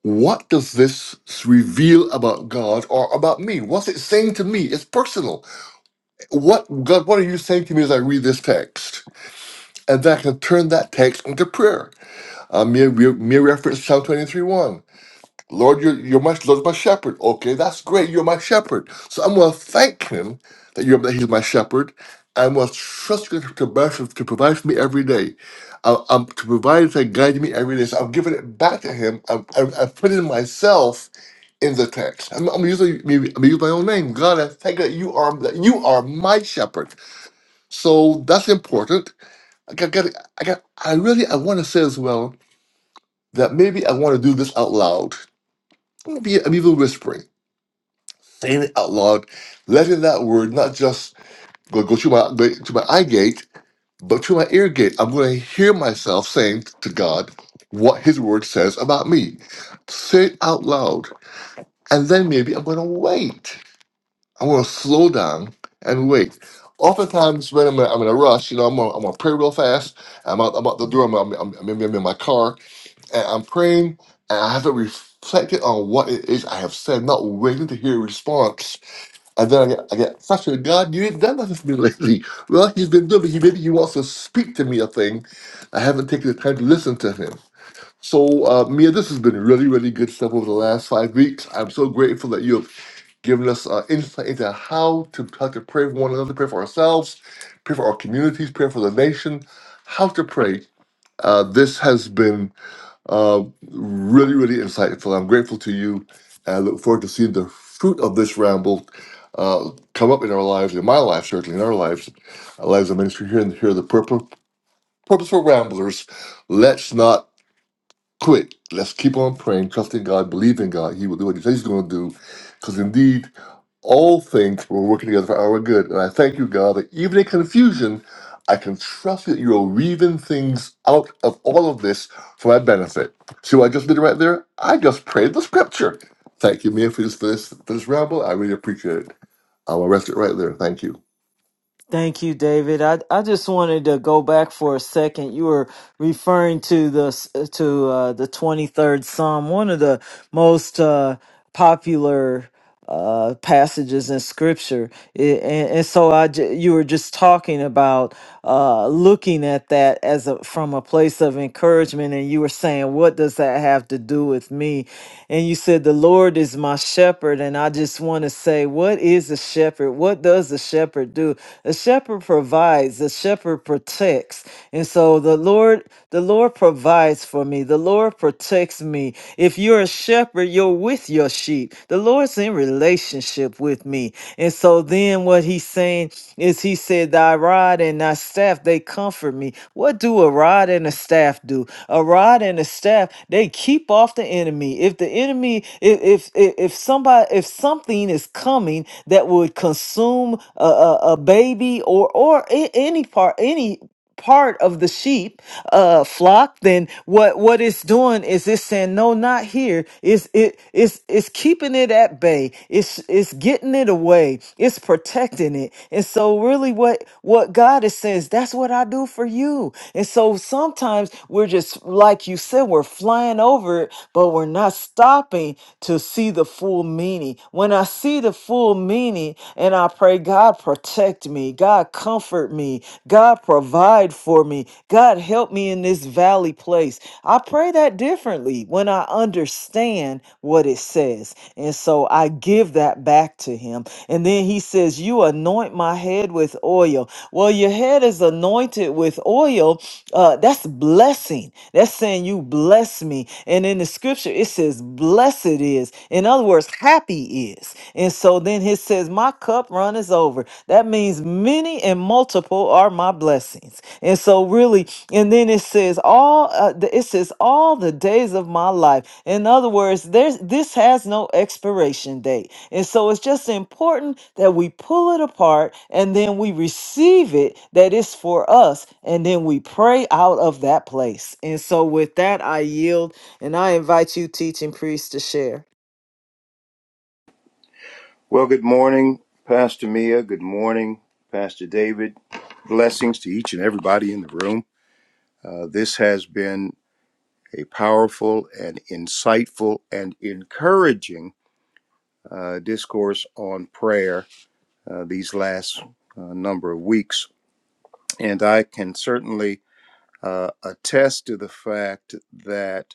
Speaker 1: what does this reveal about God or about me? What's it saying to me? It's personal. What God, what are you saying to me as I read this text? And then I can turn that text into prayer. Uh, mere, mere mere reference Psalm 23 1. Lord, you're, you're my Lord's my shepherd. Okay, that's great. You're my shepherd. So I'm going to thank him that you're that he's my shepherd. I'm going to trust you to, to, bear- to provide for me every day. I- I'm to provide to guide me every day. So I'm giving it back to him. I'm, I'm, I'm putting myself in the text. I'm, I'm using maybe I'm using my own name. God, I thank you that you are that you are my shepherd. So that's important. I got, got, I got. I really I want to say as well that maybe I want to do this out loud. Maybe I'm even whispering saying it out loud, letting that word not just go, go through my go to my eye gate, but through my ear gate. I'm going to hear myself saying to God what His word says about me. Say it out loud, and then maybe I'm going to wait. I'm going to slow down and wait. Oftentimes, when I'm in, I'm in a rush, you know, I'm going I'm gonna pray real fast. I'm out, I'm out the door. I'm, I'm, I'm, maybe I'm in my car, and I'm praying, and I haven't reflected on what it is I have said, not waiting to hear a response and then I get, I get frustrated. God, you ain't done nothing for me lately. Well, he's been doing, but he maybe he wants to speak to me a thing. I haven't taken the time to listen to him. So, uh, Mia, this has been really, really good stuff over the last five weeks. I'm so grateful that you have given us uh, insight into how to how to pray for one another, pray for ourselves, pray for our communities, pray for the nation, how to pray. Uh, this has been uh, really, really insightful. I'm grateful to you. And I look forward to seeing the fruit of this ramble uh, come up in our lives, in my life, certainly in our lives, our lives of ministry here and here, are the purpo- purposeful ramblers. Let's not quit. Let's keep on praying, trusting God, believing God. He will do what He says He's going to do. Because indeed, all things will work together for our good. And I thank you, God, that even in confusion, I can trust that you are weaving things out of all of this for my benefit. See what I just did right there? I just prayed the scripture. Thank you, Mia, for this, for this, for this ramble. I really appreciate it. I'll rest it right there. Thank you.
Speaker 2: Thank you, David. I, I just wanted to go back for a second. You were referring to the to uh, the 23rd Psalm, one of the most uh, popular uh passages in scripture I- and, and so i j- you were just talking about uh, looking at that as a from a place of encouragement, and you were saying, "What does that have to do with me?" And you said, "The Lord is my shepherd," and I just want to say, "What is a shepherd? What does a shepherd do? A shepherd provides. A shepherd protects." And so the Lord, the Lord provides for me. The Lord protects me. If you're a shepherd, you're with your sheep. The Lord's in relationship relationship with me. And so then what he's saying is he said, Thy rod and thy staff, they comfort me. What do a rod and a staff do? A rod and a staff, they keep off the enemy. If the enemy, if if if if somebody if something is coming that would consume a, a, a baby or or a- any part, any part of the sheep uh flock then what what it's doing is it's saying no not here it's it it's it's keeping it at bay it's it's getting it away it's protecting it and so really what what god is saying is that's what i do for you and so sometimes we're just like you said we're flying over it but we're not stopping to see the full meaning when i see the full meaning and i pray god God, protect me. God, comfort me. God, provide for me. God, help me in this valley place. I pray that differently when I understand what it says. And so I give that back to him. And then he says, You anoint my head with oil. Well, your head is anointed with oil. Uh, that's blessing. That's saying, You bless me. And in the scripture, it says, Blessed is. In other words, us happy is. And so then it says, My cup runneth over. That means many and multiple are my blessings. And so really, and then it says, all uh, th- it says all the days of my life. In other words, there's this has no expiration date. And so it's just important that we pull it apart and then we receive it that it's for us. And then we pray out of that place. And so with that, I yield and I invite you, teaching priest, to share.
Speaker 3: Well, good morning, Pastor Mia. Good morning, Pastor David. Blessings to each and everybody in the room. Uh, this has been a powerful and insightful and encouraging uh, discourse on prayer uh, these last uh, number of weeks. And I can certainly uh, attest to the fact that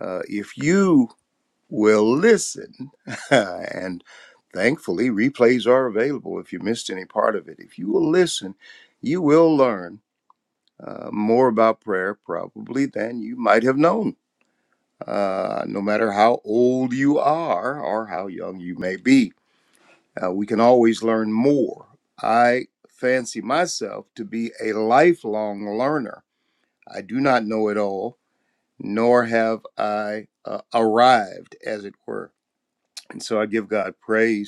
Speaker 3: uh, if you Will listen. and thankfully, replays are available if you missed any part of it. If you will listen, you will learn uh, more about prayer probably than you might have known, uh, no matter how old you are or how young you may be. Uh, we can always learn more. I fancy myself to be a lifelong learner. I do not know it all, nor have I uh, arrived, as it were. And so I give God praise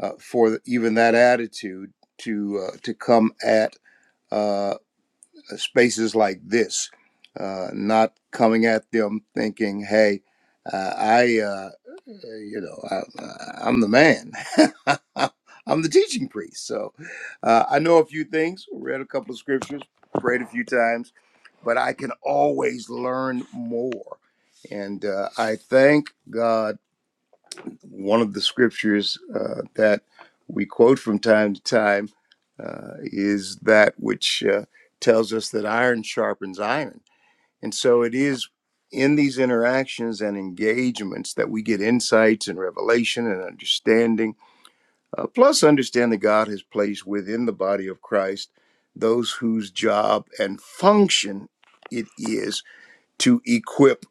Speaker 3: uh, for even that attitude to uh, to come at uh, spaces like this, uh, not coming at them thinking, "Hey, uh, I, uh, you know, I, uh, I'm the man. I'm the teaching priest." So uh, I know a few things, read a couple of scriptures, prayed a few times, but I can always learn more, and uh, I thank God one of the scriptures uh, that we quote from time to time uh, is that which uh, tells us that iron sharpens iron. And so it is in these interactions and engagements that we get insights and revelation and understanding, uh, plus, understand that God has placed within the body of Christ those whose job and function it is to equip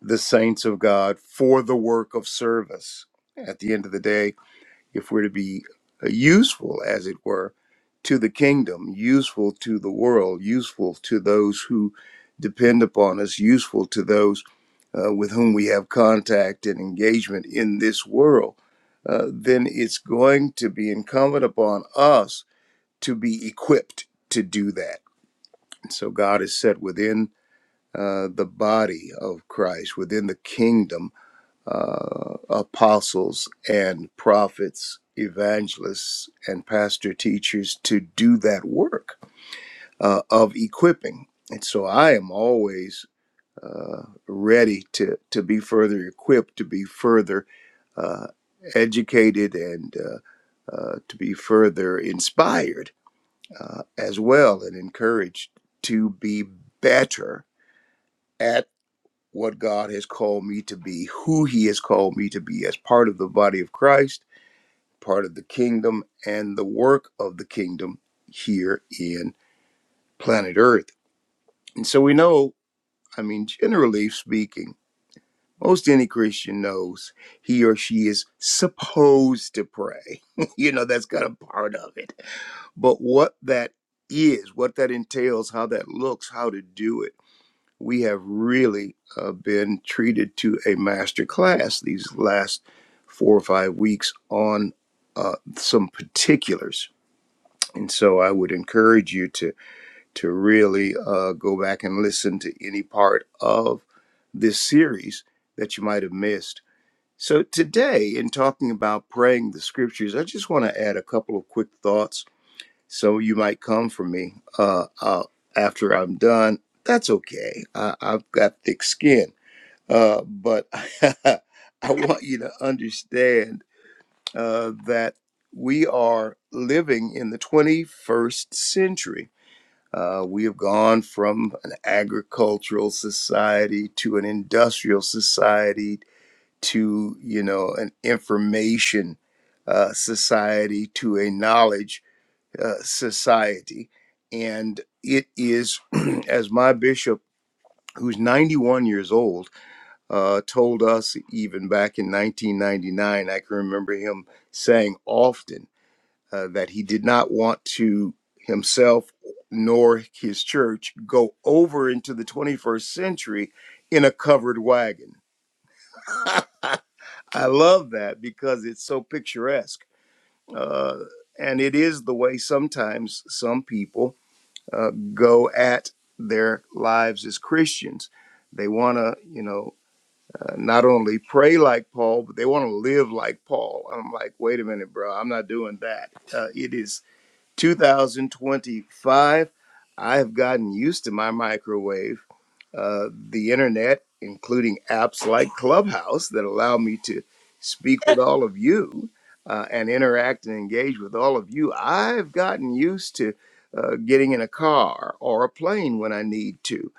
Speaker 3: the saints of God for the work of service. At the end of the day, if we're to be uh, useful, as it were, to the kingdom, useful to the world, useful to those who depend upon us, useful to those uh, with whom we have contact and engagement in this world, uh, then it's going to be incumbent upon us to be equipped to do that. So God is set within uh, the body of Christ, within the kingdom uh, apostles and prophets, evangelists, and pastor teachers to do that work uh, of equipping. And so I am always uh, ready to, to be further equipped, to be further uh, educated, and uh, uh, to be further inspired uh, as well and encouraged to be better at what God has called me to be, who He has called me to be as part of the body of Christ, part of the kingdom, and the work of the kingdom here in planet Earth. And so we know, I mean, generally speaking, most any Christian knows he or she is supposed to pray. you know, that's kind of part of it. But what that is, what that entails, how that looks, how to do it we have really uh, been treated to a master class these last four or five weeks on uh, some particulars. And so I would encourage you to, to really uh, go back and listen to any part of this series that you might have missed. So, today, in talking about praying the scriptures, I just want to add a couple of quick thoughts so you might come for me uh, uh, after I'm done. That's okay. I, I've got thick skin. Uh, but I want you to understand uh, that we are living in the 21st century. Uh, we have gone from an agricultural society to an industrial society to, you know, an information uh, society to a knowledge uh, society. And it is, as my bishop, who's 91 years old, uh, told us even back in 1999, I can remember him saying often uh, that he did not want to himself nor his church go over into the 21st century in a covered wagon. I love that because it's so picturesque. Uh, and it is the way sometimes some people uh, go at their lives as Christians. They want to, you know, uh, not only pray like Paul, but they want to live like Paul. I'm like, wait a minute, bro, I'm not doing that. Uh, it is 2025. I've gotten used to my microwave uh, the internet, including apps like Clubhouse that allow me to speak with all of you uh, and interact and engage with all of you. I've gotten used to uh, getting in a car or a plane when I need to.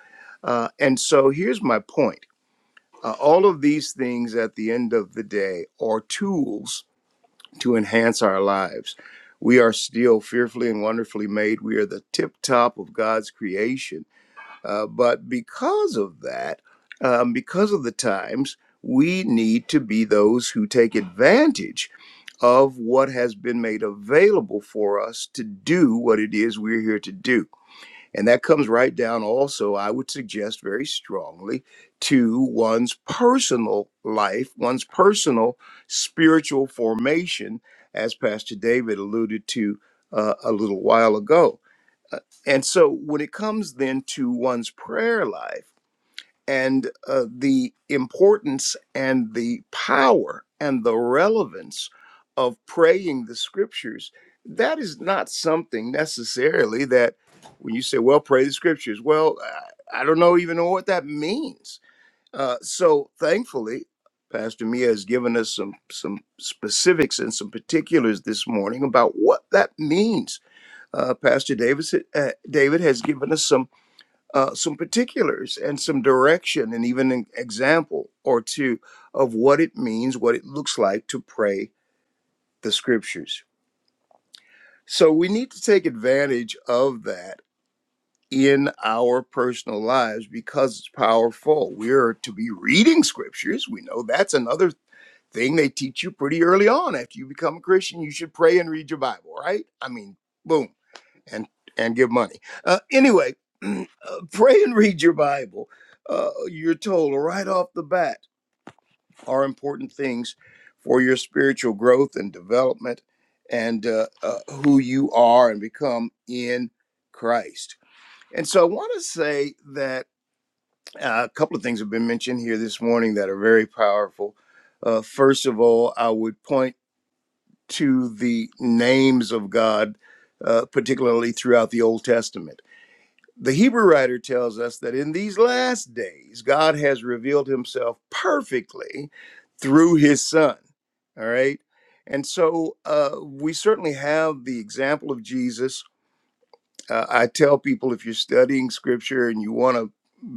Speaker 3: Uh, and so here's my point uh, all of these things at the end of the day are tools to enhance our lives. We are still fearfully and wonderfully made. We are the tip top of God's creation uh, but because of that, um, because of the times, we need to be those who take advantage of what has been made available for us to do what it is we're here to do. And that comes right down also, I would suggest very strongly, to one's personal life, one's personal spiritual formation, as Pastor David alluded to uh, a little while ago and so when it comes then to one's prayer life and uh, the importance and the power and the relevance of praying the scriptures, that is not something necessarily that when you say, well, pray the scriptures, well, I, I don't know even know what that means. Uh, so thankfully, Pastor Mia has given us some some specifics and some particulars this morning about what that means uh, Pastor Davis, uh, David has given us some uh, some particulars and some direction, and even an example or two of what it means, what it looks like to pray the Scriptures. So we need to take advantage of that in our personal lives because it's powerful. We're to be reading Scriptures. We know that's another thing they teach you pretty early on after you become a Christian. You should pray and read your Bible, right? I mean, boom and and give money. Uh, anyway, uh, pray and read your Bible. Uh, you're told right off the bat are important things for your spiritual growth and development, and uh, uh, who you are and become in Christ. And so, I want to say that uh, a couple of things have been mentioned here this morning that are very powerful. Uh, first of all, I would point to the names of God, uh, particularly throughout the Old Testament The Hebrew writer tells us that in these last days, God has revealed himself perfectly through his son. All right. And so uh, we certainly have the example of Jesus. Uh, I tell people if you're studying scripture and you want to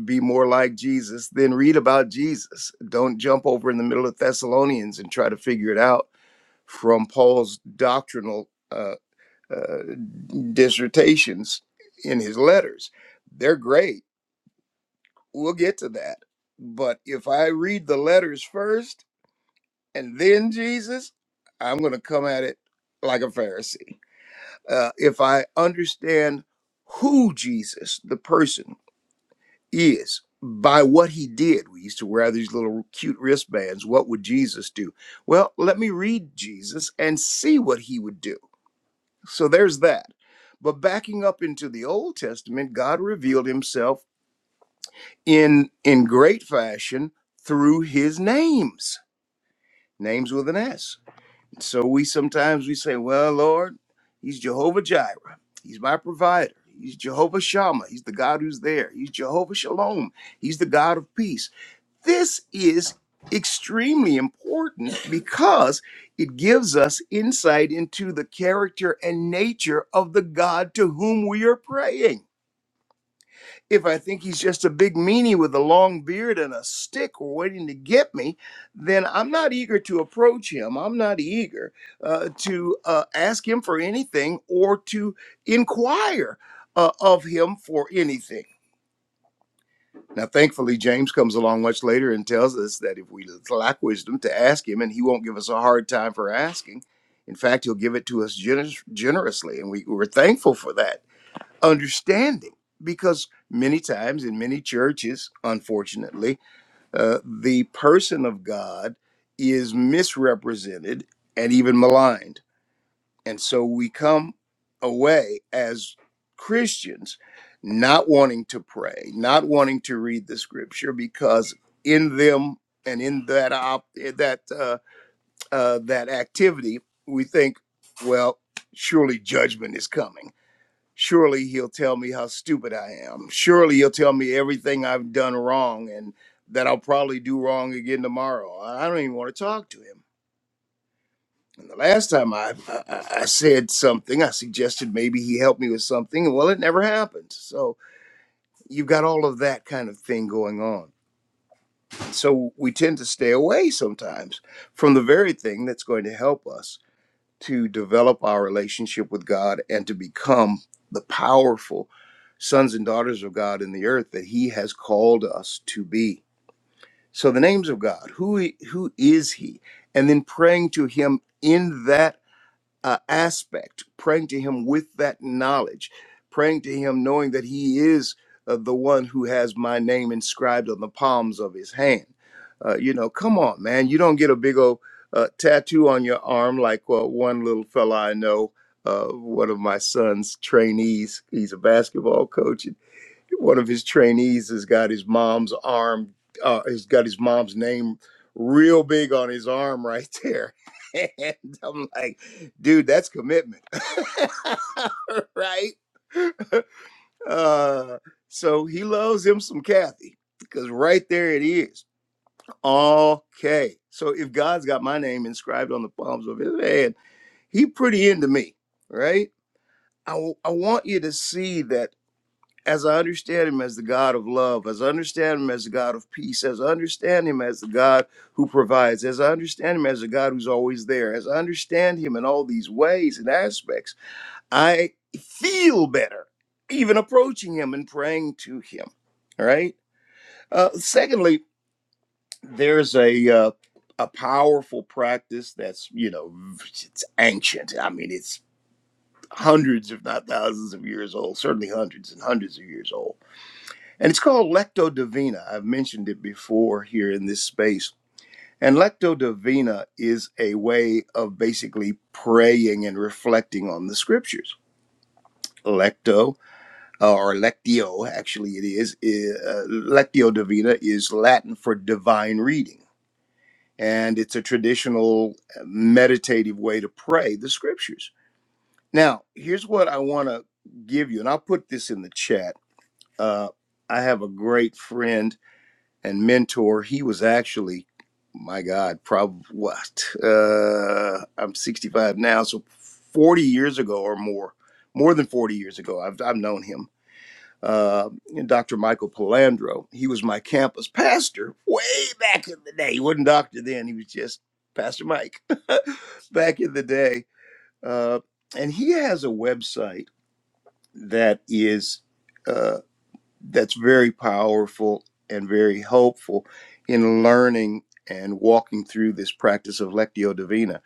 Speaker 3: be more like Jesus, then read about Jesus. Don't jump over in the middle of Thessalonians and try to figure it out from Paul's doctrinal uh, uh, dissertations in his letters. They're great We'll get to that. But if I read the letters first and then Jesus, I'm going to come at it like a Pharisee. Uh, if I understand who Jesus, the person, is by what he did, we used to wear these little cute wristbands. What would Jesus do? Well, let me read Jesus and see what he would do. So there's that. But backing up into the Old Testament, God revealed himself in in great fashion through his names names with an s so we sometimes we say well lord he's jehovah jireh he's my provider he's jehovah shammah he's the god who's there he's jehovah shalom he's the god of peace this is extremely important because it gives us insight into the character and nature of the god to whom we are praying if I think he's just a big meanie with a long beard and a stick waiting to get me, then I'm not eager to approach him. I'm not eager uh, to uh, ask him for anything or to inquire uh, of him for anything. Now, thankfully, James comes along much later and tells us that if we lack wisdom to ask him, and he won't give us a hard time for asking. In fact, he'll give it to us generous, generously, and we, we're thankful for that understanding because many times in many churches unfortunately uh, the person of god is misrepresented and even maligned and so we come away as christians not wanting to pray not wanting to read the scripture because in them and in that op- eh, that uh, uh, that activity we think well surely judgment is coming surely he'll tell me how stupid I am. Surely he'll tell me everything I've done wrong and that I'll probably do wrong again tomorrow. I I don't even want to talk to him. And the last time I, I, I said something, I suggested maybe he helped me with something. and Well, it never happened. So you've got all of that kind of thing going on. So we tend to stay away sometimes from the very thing that's going to help us. to develop our relationship with God and to become the powerful sons and daughters of God in the earth that he has called us to be. So the names of God, who he- who is he? And then praying to him in that uh, aspect, praying to Him with that knowledge, praying to Him knowing that He is uh, the one who has my name inscribed on the palms of His hand. Uh, you know, come on, man. You don't get a big old uh, tattoo on your arm like uh, one little fella I know, uh, one of my son's trainees. He's a basketball coach one of his trainees has got his mom's arm uh has got his mom's name real big on his arm right there and i'm like dude that's commitment right uh so he loves him some kathy because right there it is okay so if god's got my name inscribed on the palms of his hand he pretty into me right I I want you to see that as I understand him as the God of love, as I understand him as the God of peace, as I understand him as the God who provides, as I understand him as the God who's always there, as I understand him in all these ways and aspects, I feel better even approaching him and praying to him. All right. Uh, secondly, there's a uh, a powerful practice that's you know it's ancient. I mean, it's hundreds, if not thousands, of years old. Certainly hundreds and hundreds of years old and it's called Lecto Divina. I've mentioned it before here in this space. And Lecto Divina is a way of basically praying and reflecting on the scriptures. Lecto, uh, or Lectio, actually, it is. i- uh, Lectio Divina is Latin for divine reading. And it's a traditional uh, meditative way to pray the scriptures. Now, here's what I want to give you, and I'll put this in the chat. Uh, I have a great friend and mentor. He was actually, my God, probably what? Uh, I'm 65 now, so 40 years ago or more, more than 40 years ago, I've, I've known him. Uh, and Dr. Michael Palandro, he was my campus pastor way back in the day. He wasn't doctor then, he was just Pastor Mike back in the day. Uh, and he has a website that is. uh, that's very powerful and very helpful in learning and walking through this practice of Lectio Divina.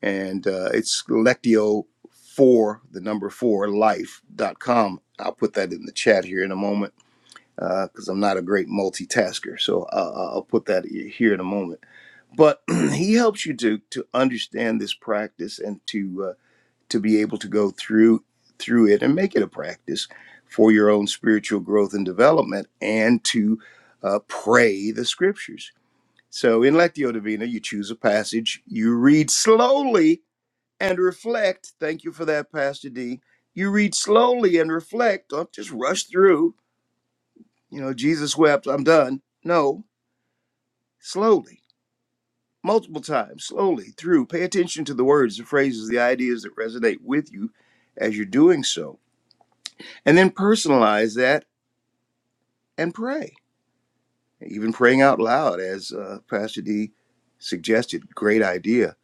Speaker 3: And uh, it's Lectio for the number four life dot com. I'll put that in the chat here in a moment because uh, I'm not a great multitasker. So uh, I'll put that here in a moment. But he helps you to, to understand this practice and to uh, to be able to go through through it and make it a practice for your own spiritual growth and development and to uh, pray the scriptures so in lectio divina you choose a passage you read slowly and reflect thank you for that pastor d you read slowly and reflect don't just rush through you know jesus wept i'm done no slowly multiple times slowly through pay attention to the words the phrases the ideas that resonate with you as you're doing so and then personalize that and pray. Even praying out loud, as uh, Pastor D suggested, great idea.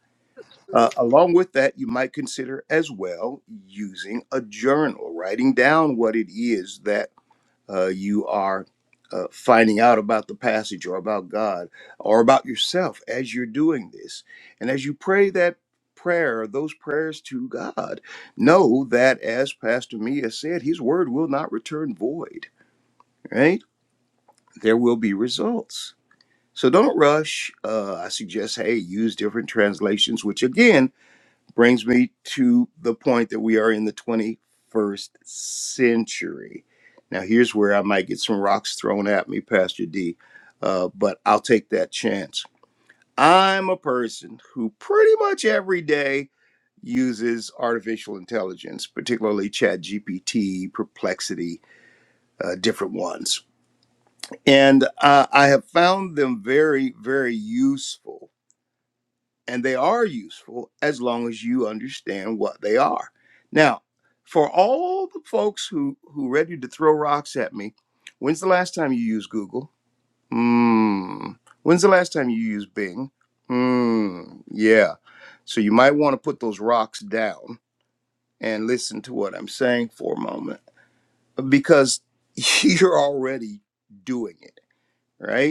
Speaker 3: Uh, along with that, you might consider as well using a journal, writing down what it is that uh, you are uh, finding out about the passage or about God or about yourself as you're doing this. And as you pray that prayer, those prayers to God, know that as Pastor Mia said, His word will not return void right? there will be results. So don't rush. Uh, I suggest, hey, use different translations, which again brings me to the point that we are in the 21st century. Now, here's where I might get some rocks thrown at me, Pastor D, uh, but I'll take that chance. I'm a person who pretty much every day uses artificial intelligence, particularly ChatGPT, Perplexity, uh, different ones and uh, I have found them very, very useful. And they are useful as long as you understand what they are. Now, for all the folks who who ready to throw rocks at me, when's the last time you used Google? Hmm. When's the last time you used Bing? Hmm. Yeah. So you might want to put those rocks down and listen to what I'm saying for a moment because you're already doing it, right?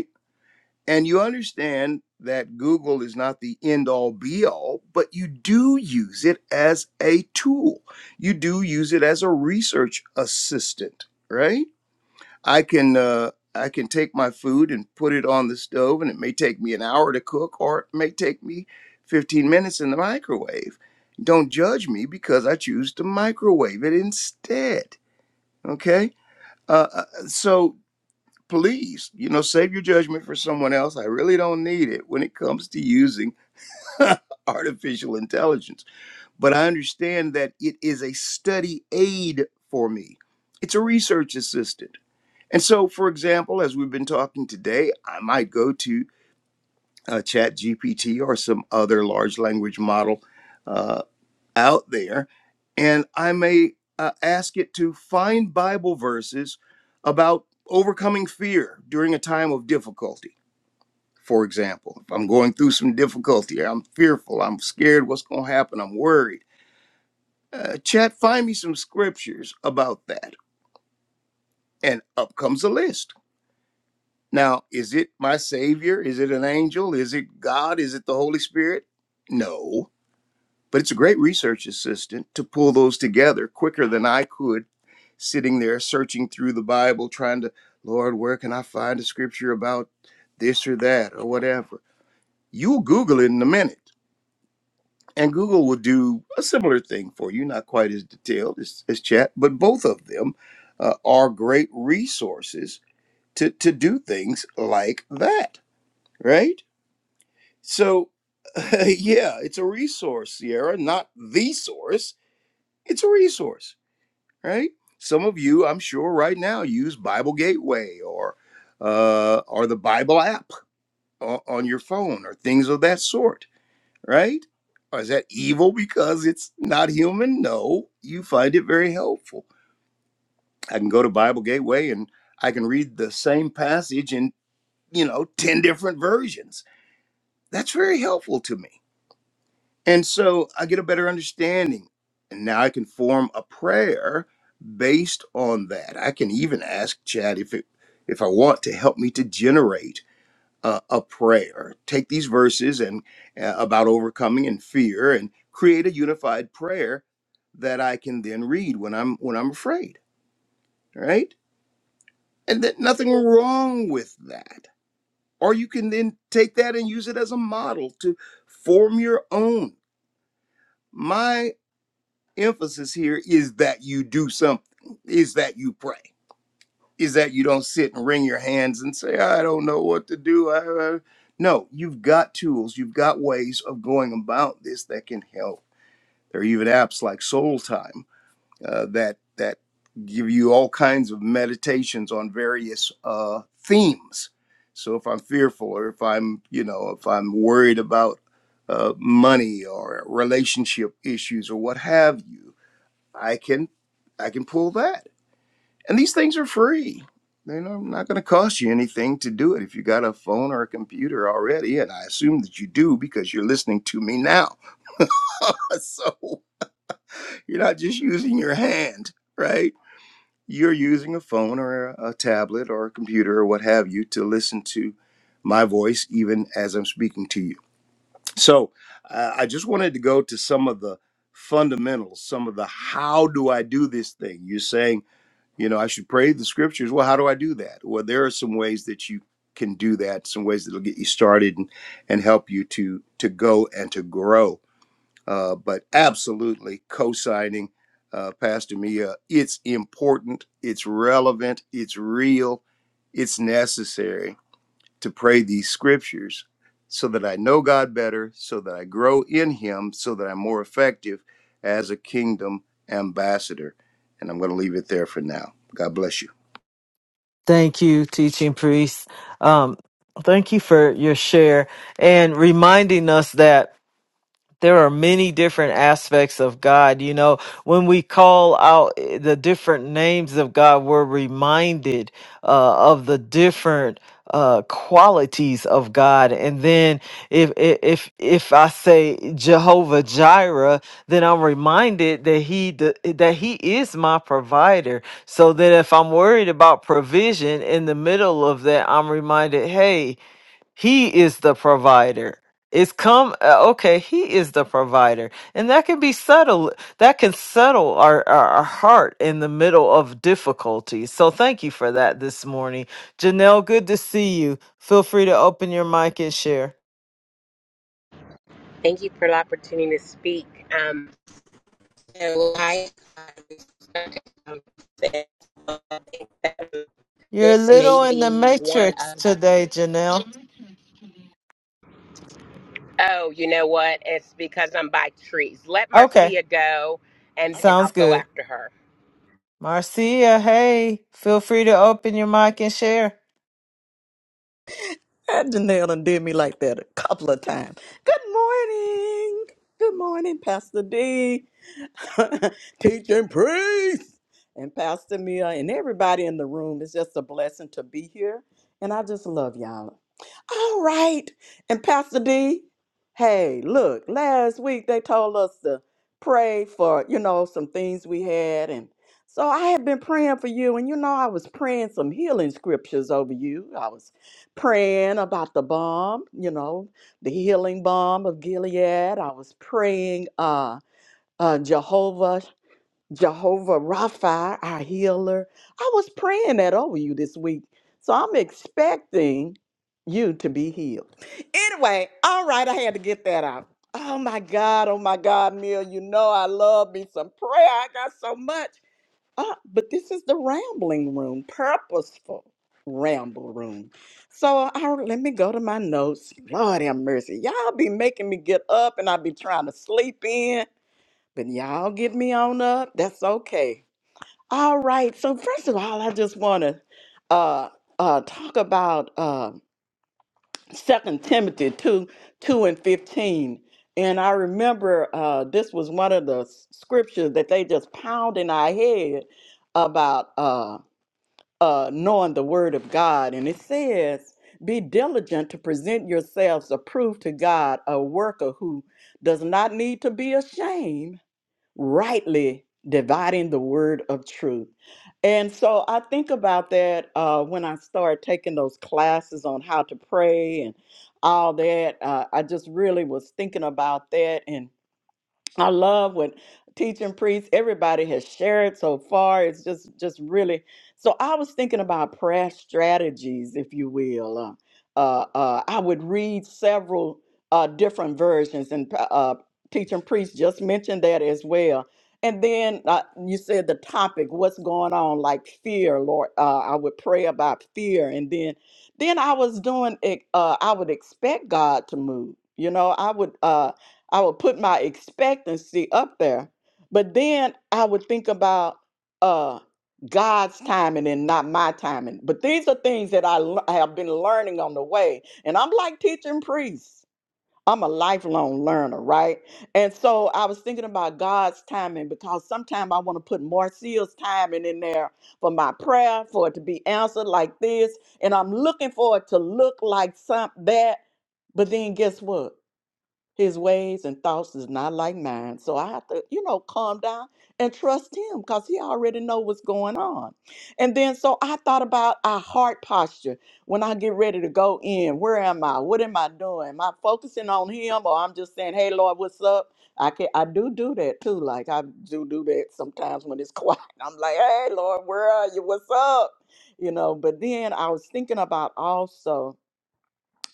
Speaker 3: And you understand that Google is not the end all be all, but you do use it as a tool. You do use it as a research assistant, right? I can uh, I can take my food and put it on the stove, and it may take me an hour to cook, or it may take me 15 minutes in the microwave. Don't judge me because I choose to microwave it instead. Okay, uh, uh, so please, you know, save your judgment for someone else. I really don't need it when it comes to using artificial intelligence. But I understand that it is a study aid for me, it's a research assistant. And so, for example, as we've been talking today, I might go to uh, Chat or some other large language model uh, out there, and I may uh, ask it to find Bible verses about overcoming fear during a time of difficulty for example, if I'm going through some difficulty, I'm fearful, I'm scared what's going to happen, I'm worried. Uh, chat, find me some scriptures about that. And up comes a list. Now, is it my Savior? Is it an angel? Is it God? Is it the Holy Spirit? No. But it's a great research assistant to pull those together quicker than I could sitting there searching through the Bible, trying to, Lord, where can I find a scripture about this or that or whatever? You'll Google it in a minute and Google will do a similar thing for you, not quite as detailed as, as chat, but both of them uh, are great resources to, to do things like that, right? So, yeah, it's a resource, Sierra, not the source. It's a resource, right? Some of you, I'm sure, right now use Bible Gateway or uh, or the Bible app o- on your phone or things of that sort right? Or is that evil because it's not human? No, you find it very helpful. I can go to Bible Gateway and I can read the same passage in, you know, 10 different versions. That's very helpful to me. And so I get a better understanding. And now I can form a prayer based on that. I can even ask Chad if it if I want to help me to generate a, a prayer. Take these verses and uh, about overcoming and fear, and create a unified prayer that I can then read when I'm when I'm afraid, right? And that nothing wrong with that. Or you can then take that and use it as a model to form your own. My emphasis here is that you do something, is that you pray is that you don't sit and wring your hands and say, I don't know what to do. I, I-" No, you've got tools, you've got ways of going about this that can help. There are even apps like Soul Time uh, that that give you all kinds of meditations on various uh, themes. So if I'm fearful, or if I'm, you know, if I'm worried about uh, money or relationship issues or what have you, I can I can pull that and these things are free. They're not, not going to cost you anything to do it if you got a phone or a computer already. And I assume that you do because you're listening to me now. so you're not just using your hand, right? You're using a phone or a tablet or a computer or what have you to listen to my voice even as I'm speaking to you. So uh, I just wanted to go to some of the fundamentals, some of the how do I do this thing? You're saying, you know i should pray the scriptures well how do i do that well there are some ways that you can do that some ways that'll get you started and, and help you to to go and to grow uh, but absolutely co-signing uh, pastor mia it's important it's relevant it's real it's necessary to pray these scriptures so that I know God better, so that I grow in Him, so that I'm more effective as a kingdom ambassador. And I'm going to leave it there for now. God bless you.
Speaker 2: Thank you, teaching priest. Um, thank you for your share and reminding us that there are many different aspects of God. You know, when we call out eh, the different names of God, we're reminded uh, of the different uh, qualities of God. And then if if if if I say Jehovah Jireh, then I'm reminded that he d- that he is my provider. So that if I'm worried about provision in the middle of that, I'm reminded, hey, he is the provider. It's come uh, okay, he is the provider. And that can be settled that can settle our, our, our heart in the middle of difficulty. So thank you for that this morning. Janelle, good to see you. Feel free to open your mic and share.
Speaker 4: Thank you for the opportunity to speak. Um, so I
Speaker 2: You're a
Speaker 4: this may
Speaker 2: little in the
Speaker 4: be one
Speaker 2: matrix
Speaker 4: of
Speaker 2: today, Janelle.
Speaker 4: oh, you know what? It's because I'm by trees. Let
Speaker 2: Okay,
Speaker 4: Marcia go, and then
Speaker 2: sounds
Speaker 4: I'll go
Speaker 2: good.
Speaker 4: after her.
Speaker 2: Marcia, hey, feel free to open your mic and share.
Speaker 5: That Janelle done did me like that a couple of times. Good morning. Good morning, Pastor D. Teaching priest and Pastor Mia and everybody in the room. It's just a blessing to be here. And I just love y'all. All right. And Pastor D, hey, look, last week they told us to pray for, you know, some things we had. And so I had been praying for you. And, you know, I was praying some healing scriptures over you. I was praying about the bomb, you know, the healing bomb of Gilead. I was praying, uh, uh, Jehovah Jehovah Rapha, our healer. I was praying that over you this week. So I'm expecting you to be healed. Anyway, all right, I had to get that out. Oh my God, oh my God, Neil, you know I love me some prayer. I got so much. Uh, but this is the rambling room, purposeful ramble room. So I, let me go to my notes. Lord have mercy. Y'all be making me get up and I be trying to sleep in. But y'all get me on up. That's okay. All right. So first of all, I just want to uh, uh, talk about uh, 2 Timothy 2, 2 and 15. And I remember uh, this was one of the s- scriptures that they just pound in our head about uh, uh, knowing the word of God. And it says, be diligent to present yourselves approved to God, a worker who does not need to be ashamed rightly dividing the word of truth. And so I think about that uh, when I started taking those classes on how to pray and all that. Uh, I just really was thinking about that. and. I love what teaching priests, everybody has shared so far. It's just just really so I was thinking about prayer strategies, if you will. Uh, uh, uh, I would read several uh, different versions, and uh, uh, teaching priests just mentioned that as well. And then uh, you said the topic, what's going on, like fear, Lord. Uh, I would pray about fear, and then then I was doing. it, Uh, I would expect God to move. You know, I would. Uh, I would put my expectancy up there. But then I would think about uh, God's timing and not my timing. But these are things that I l- I have been learning on the way. And I'm like teaching priests. I'm a lifelong learner, right? And so I was thinking about God's timing because sometimes I want to put Marcia's timing in there for my prayer, for it to be answered like this. And I'm looking for it to look like some that. But then guess what? His ways and thoughts is not like mine. So I have to, you know, calm down and trust him because he already know what's going on. And then so I thought about our heart posture when I get ready to go in. Where am I? What am I doing? Am I focusing on him or I'm just saying, hey Lord, what's up? I can I do do that too. Like I do do that sometimes when it's quiet. I'm like, hey Lord, where are you? What's up? You know, but then I was thinking about also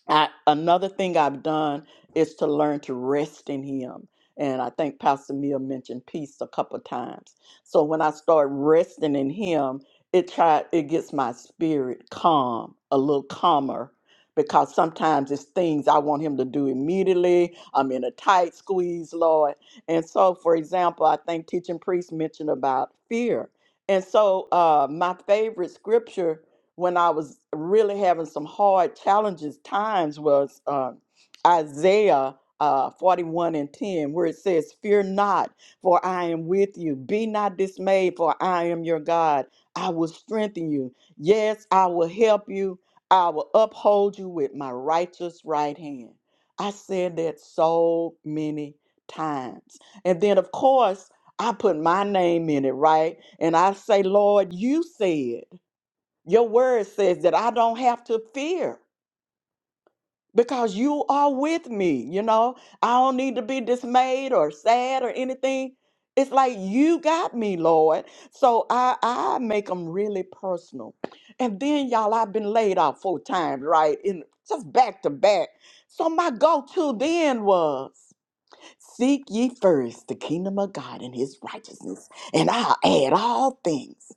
Speaker 5: I, another thing I've done is to learn to rest in Him. And I think Pastor Mia mentioned peace a couple times. So when I start resting in Him, it try it gets my spirit calm, a little calmer, because sometimes it's things I want Him to do immediately. I'm in a tight squeeze, Lord. And so, for example, I think teaching priest mentioned about fear. And so, uh, my favorite scripture when I was really having some hard challenges times was um, Isaiah uh, 41 and 10, where it says, Fear not, for I am with you. Be not dismayed, for I am your God. I will strengthen you. Yes, I will help you. I will uphold you with my righteous right hand. I said that so many times. And then, of course, I put my name in it, right? And I say, Lord, you said. Your word says that I don't have to fear because you are with me. You know, I don't need to be dismayed or sad or anything. It's like you got me, Lord. So I, I make them really personal. And then, y'all, I've been laid out four times, right? In just back to back. So my go-to then was Seek ye first the kingdom of God and his righteousness, and I'll add all things.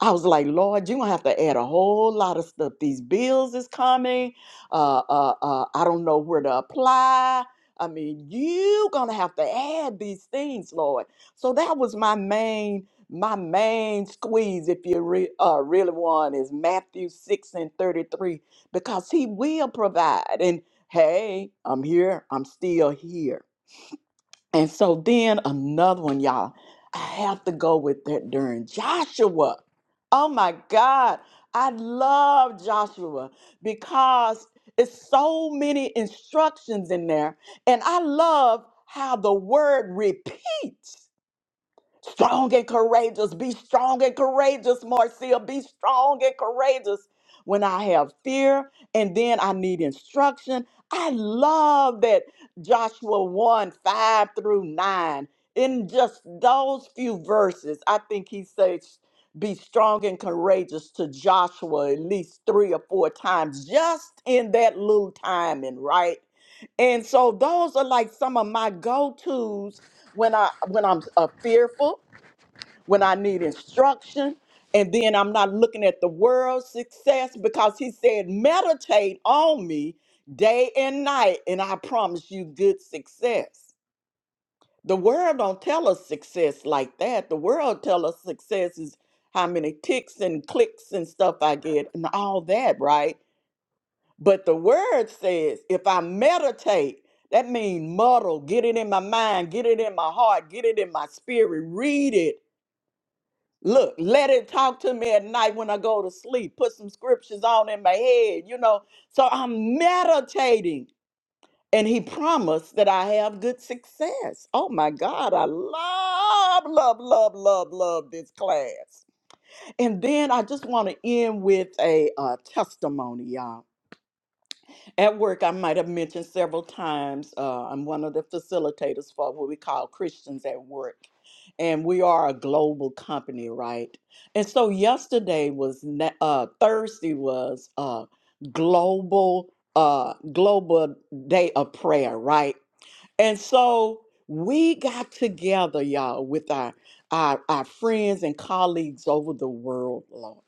Speaker 5: I was like, Lord, you're gonna have to add a whole lot of stuff. These bills is coming. Uh, uh, uh, I don't know where to apply. I mean, you gonna have to add these things, Lord. So that was my main, my main squeeze, if you re- uh, really want, is Matthew six and thirty-three, because He will provide. And hey, I'm here. I'm still here. And so then another one, y'all. I have to go with that during Joshua. Oh my God. I love Joshua because it's so many instructions in there. And I love how the word repeats. Strong and courageous. Be strong and courageous, Marcia. Be strong and courageous. When I have fear and then I need instruction. I love that Joshua 1 5 through 9. In just those few verses, I think he says, be strong and courageous to Joshua at least three or four times, just in that little timing, right? And so those are like some of my go tos when I when I'm uh, fearful when I need instruction. And then I'm not looking at the world's success because he said, meditate on me day and night, and I promise you good success. The world don't tell us success like that. The world tell us success is how many ticks and clicks and stuff I get and all that, right? But the word says, if I meditate, that means muddle, get it in my mind, get it in my heart, get it in my spirit, read it Look, let it talk to me at night when I go to sleep. Put some scriptures on in my head, you know. So I'm meditating. And he promised that I have good success. Oh my God, I love, love, love, love, love this class. And then I just want to end with a, uh testimony, y'all. At work, I might have mentioned several times, uh, I'm one of the facilitators for what we call Christians at Work. And we are a global company, right? And so yesterday was, na- uh, Thursday was uh, global, uh, global day of prayer, right? And so we got together, y'all, with our, our, our friends and colleagues over the world, Lord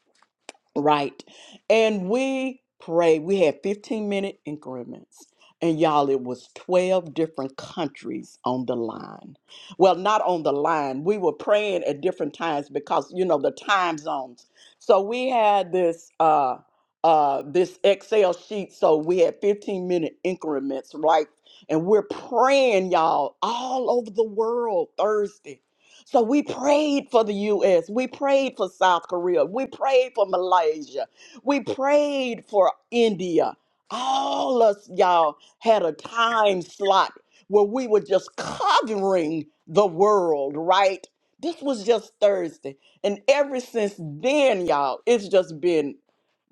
Speaker 5: right? And we prayed. We had 15 minute increments. And y'all, it was 12 different countries on the line. Well, not on the line. We were praying at different times because, you know, the time zones. So we had this uh uh this Excel sheet. So we had 15 minute increments, right? And we're praying, y'all, all over the world Thursday. So we prayed for the U.S. We prayed for South Korea. We prayed for Malaysia. We prayed for India. All us y'all had a time slot where we were just covering the world, right? This was just Thursday. And ever since then, y'all, it's just been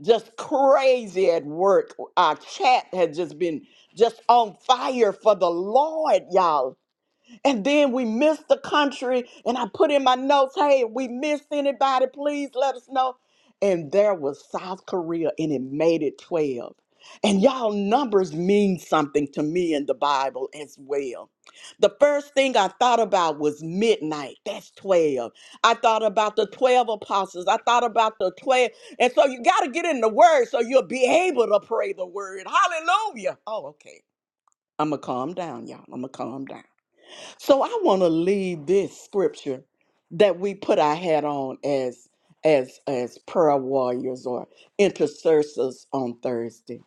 Speaker 5: just crazy at work. Our chat had just been just on fire for the Lord, y'all and then we missed the country. And I put in my notes, hey, if we missed anybody, please let us know. And there was South Korea, and it made it 12. And y'all, numbers mean something to me in the Bible as well. The first thing I thought about was midnight. That's 12. I thought about the 12 apostles. I thought about the 12. And so you got to get in the word so you'll be able to pray the word. Hallelujah. Oh, okay. I'm going to calm down, y'all. I'm going to calm down. So I want to leave this scripture that we put our hat on as as as prayer warriors or intercessors on Thursday.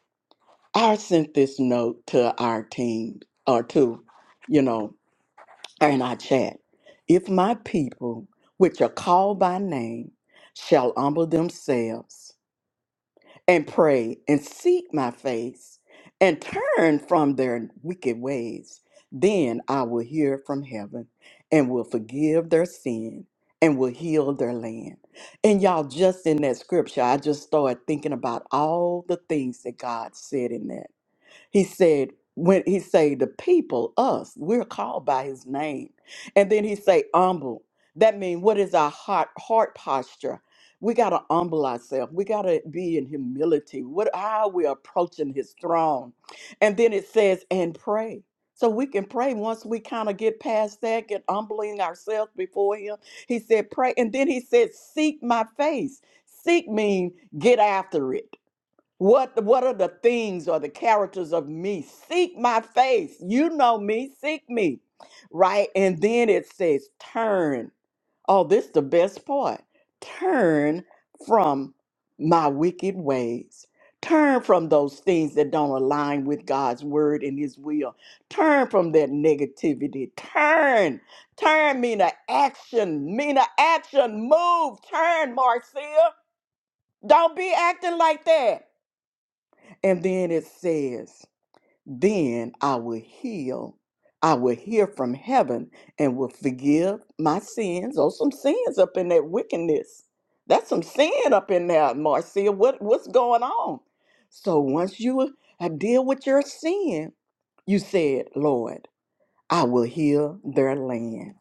Speaker 5: I sent this note to our team or to, you know, in our chat. If my people, which are called by name, shall humble themselves and pray and seek my face and turn from their wicked ways. Then I will hear from heaven and will forgive their sin and will heal their land. And y'all, just in that scripture, I just started thinking about all the things that God said in that. He said, when he say the people, us, we're called by his name. And then he say humble. That means what is our heart heart posture? We gotta humble ourselves. We gotta be in humility. What how we approaching his throne. And then it says, and pray. So we can pray once we kind of get past that, get humbling ourselves before him. He said, pray. And then he said, seek my face. Seek mean get after it. What what are the things or the characters of me? Seek my face. You know me, seek me. Right? And then it says turn. Oh, this the best part. Turn from my wicked ways. Turn from those things that don't align with God's word and his will. Turn from that negativity. Turn. Turn mean a action. Mean a action. Move. Turn, Marcia. Don't be acting like that. And then it says, Then I will heal. I will hear from heaven and will forgive my sins. Oh, some sins up in that wickedness. That's some sin up in there, Marcia. What, what's going on? So once you uh, deal with your sin, you said, Lord, I will heal their land.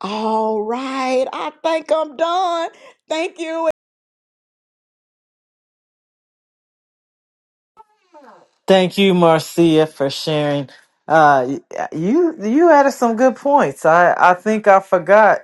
Speaker 5: All right, I think I'm done. Thank you.
Speaker 2: Thank you, Marcia, for sharing. Uh, y- you you added some good points. I I think I forgot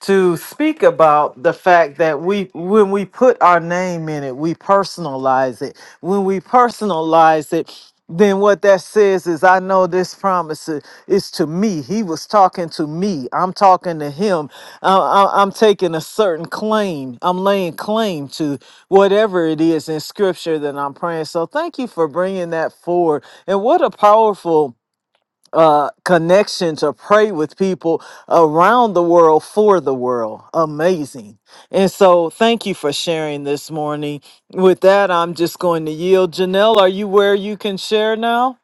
Speaker 2: to speak about the fact that we when we put our name in it, we personalize it. When we personalize it, then what that says is I know this promise i- is to me. He was talking to me. I'm talking to him. Uh, I- I'm taking a certain claim. I'm laying claim to whatever it is in scripture that I'm praying. So thank you for bringing that forward. And what a powerful uh, connection to pray with people around the world for the world. Amazing. And so, thank you for sharing this morning. With that, I'm just going to yield. Janelle, are you where you can share now?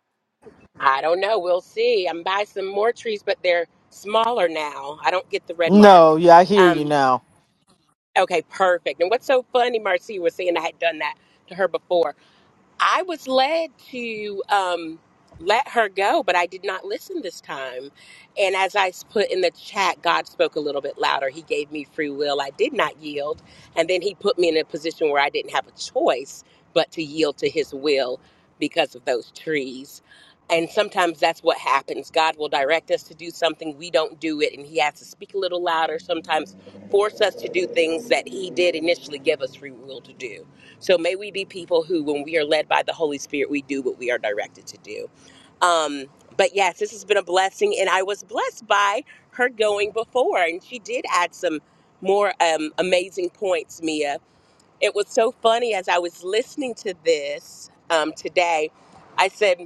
Speaker 4: I don't know. We'll see. I'm by some more trees, but they're smaller now. I don't get the red mark.
Speaker 2: No, yeah, I hear you
Speaker 4: Um,
Speaker 2: now.
Speaker 4: okay, perfect. And what's so funny, Marcia was saying I had done that to her before. I was led to um, let her go, but I did not listen this time. And as I s- put in the chat, God spoke a little bit louder. He gave me free will. I did not yield. And then He put me in a position where I didn't have a choice but to yield to His will because of those trees. And sometimes that's what happens. God will direct us to do something, we don't do it, and He has to speak a little louder, sometimes force us to do things that He did initially give us free will to do. So may we be people who, when we are led by the Holy Spirit, we do what we are directed to do. Um, but yes, this has been a blessing, and I was blessed by her going before, and she did add some more um, amazing points, Mia. It was so funny as I was listening to this um, today. I said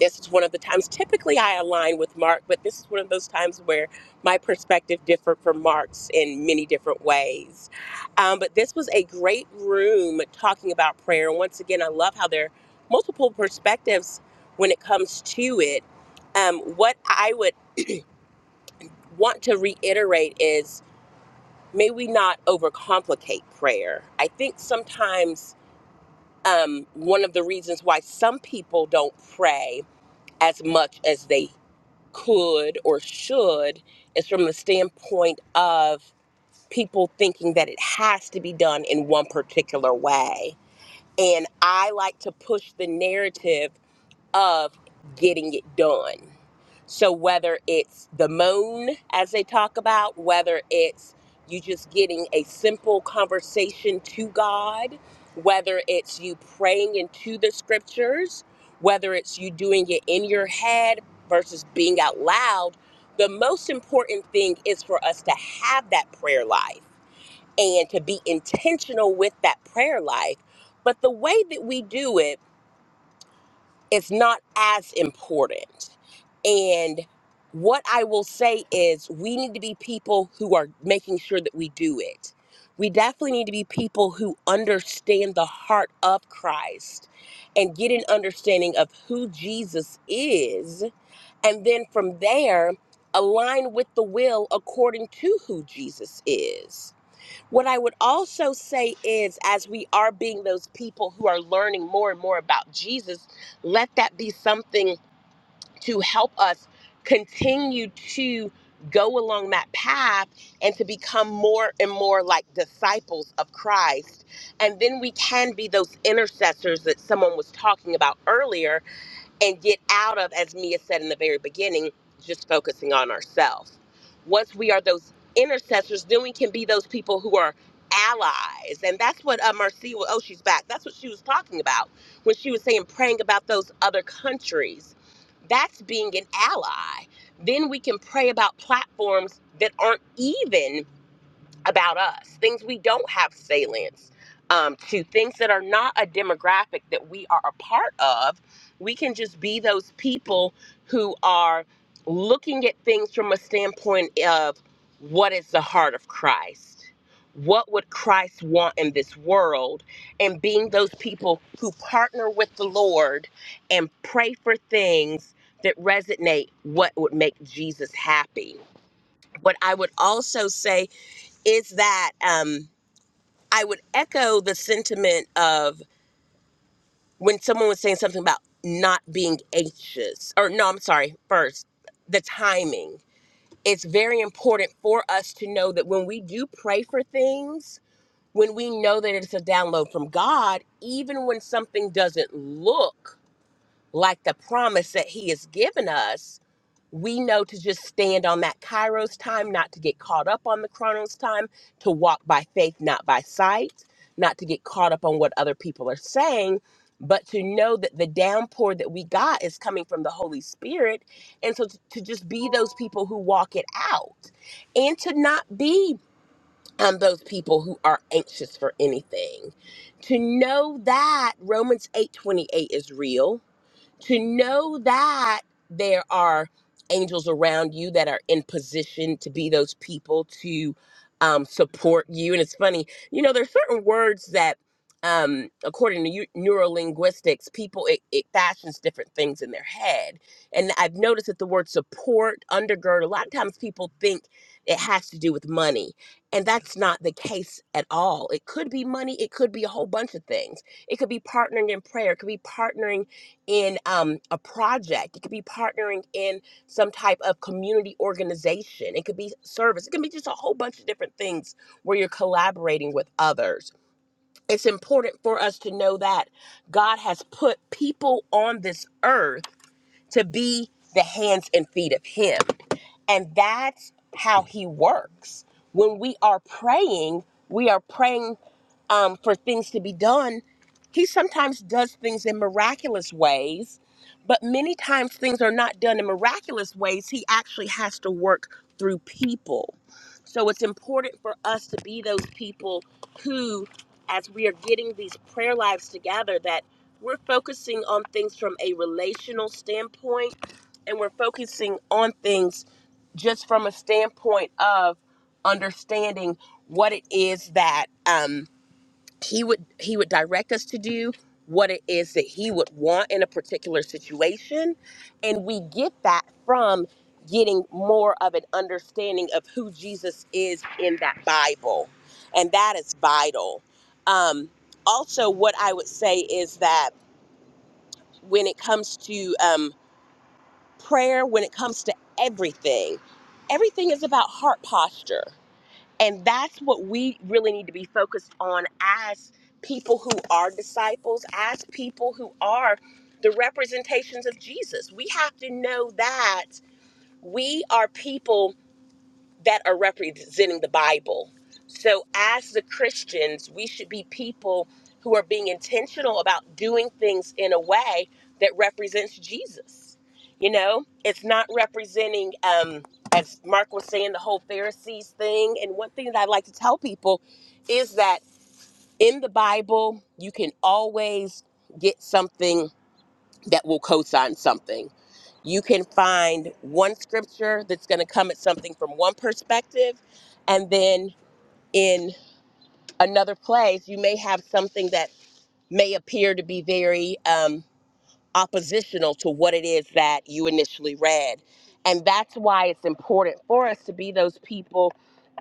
Speaker 4: this is one of the times typically I align with Mark, but this is one of those times where my perspective differed from Mark's in many different ways. Um, but this was a great room talking about prayer. And once again, I love how there are multiple perspectives when it comes to it. Um, what I would want to reiterate is may we not overcomplicate prayer. I think sometimes um, one of the reasons why some people don't pray as much as they could or should is from the standpoint of people thinking that it has to be done in one particular way. And I like to push the narrative of getting it done. So whether it's the moan, as they talk about, whether it's you just getting a simple conversation to God, whether it's you praying into the scriptures, whether it's you doing it in your head versus being out loud, the most important thing is for us to have that prayer life and to be intentional with that prayer life. But the way that we do it it's not as important. And what I will say is, we need to be people who are making sure that we do it. We definitely need to be people who understand the heart of Christ and get an understanding of who Jesus is. And then from there, align with the will according to who Jesus is. What I would also say is, as we are being those people who are learning more and more about Jesus, let that be something to help us continue to go along that path and to become more and more like disciples of Christ. And then we can be those intercessors that someone was talking about earlier and get out of, as Mia said in the very beginning, just focusing on ourselves. Once we are those intercessors, then we can be those people who are allies. And that's what uh, Marcia, oh, she's back. That's what she was talking about when she was saying praying about those other countries. That's being an ally. Then we can pray about platforms that aren't even about us, things we don't have salience um, to, things that are not a demographic that we are a part of. We can just be those people who are looking at things from a standpoint of what is the heart of Christ? What would Christ want in this world? And being those people who partner with the Lord and pray for things that resonate what would make Jesus happy. What I would also say is that um, I would echo the sentiment of when someone was saying something about not being anxious, or no, I'm sorry, first, the timing. It's very important for us to know that when we do pray for things, when we know that it's a download from God, even when something doesn't look like the promise that He has given us, we know to just stand on that kairos time not to get caught up on the chronos time to walk by faith not by sight not to get caught up on what other people are saying but to know that the downpour that we got is coming from the holy spirit and so to, to just be those people who walk it out and to not be um, those people who are anxious for anything to know that romans 8 28 is real to know that there are angels around you that are in position to be those people to um, support you. And it's funny, you know, there's certain words that, um, according to eu- neurolinguistics, people it, it fashions different things in their head. And I've noticed that the word support, undergird, a lot of times people think it has to do with money. And that's not the case at all. It could be money, it could be a whole bunch of things. It could be partnering in prayer, it could be partnering in um, a project. It could be partnering in some type of community organization. It could be service. It can be just a whole bunch of different things where you're collaborating with others. It's important for us to know that God has put people on this earth to be the hands and feet of Him. And that's how he works. When we are praying, we are praying um, for things to be done. He sometimes does things in miraculous ways, but many times things are not done in miraculous ways. He actually has to work through people. So it's important for us to be those people who, as we are getting these prayer lives together, that we're focusing on things from a relational standpoint and we're focusing on things just from a standpoint of understanding what it is that um, he would he would direct us to do what it is that he would want in a particular situation and we get that from getting more of an understanding of who jesus is in that bible and that is vital um, also what i would say is that when it comes to um, prayer when it comes to everything. Everything is about heart posture. And that's what we really need to be focused on as people who are disciples, as people who are the representations of Jesus. We have to know that we are people that are representing the Bible. So, as the Christians, we should be people who are being intentional about doing things in a way that represents Jesus. You know, it's not representing, um, as Mark was saying, the whole Pharisees thing. And one thing that I like to tell people is that in the Bible, you can always get something that will co-sign something. You can find one scripture that's going to come at something from one perspective, and then in another place, you may have something that may appear to be very um, oppositional to what it is that you initially read. And that's why it's important for us to be those people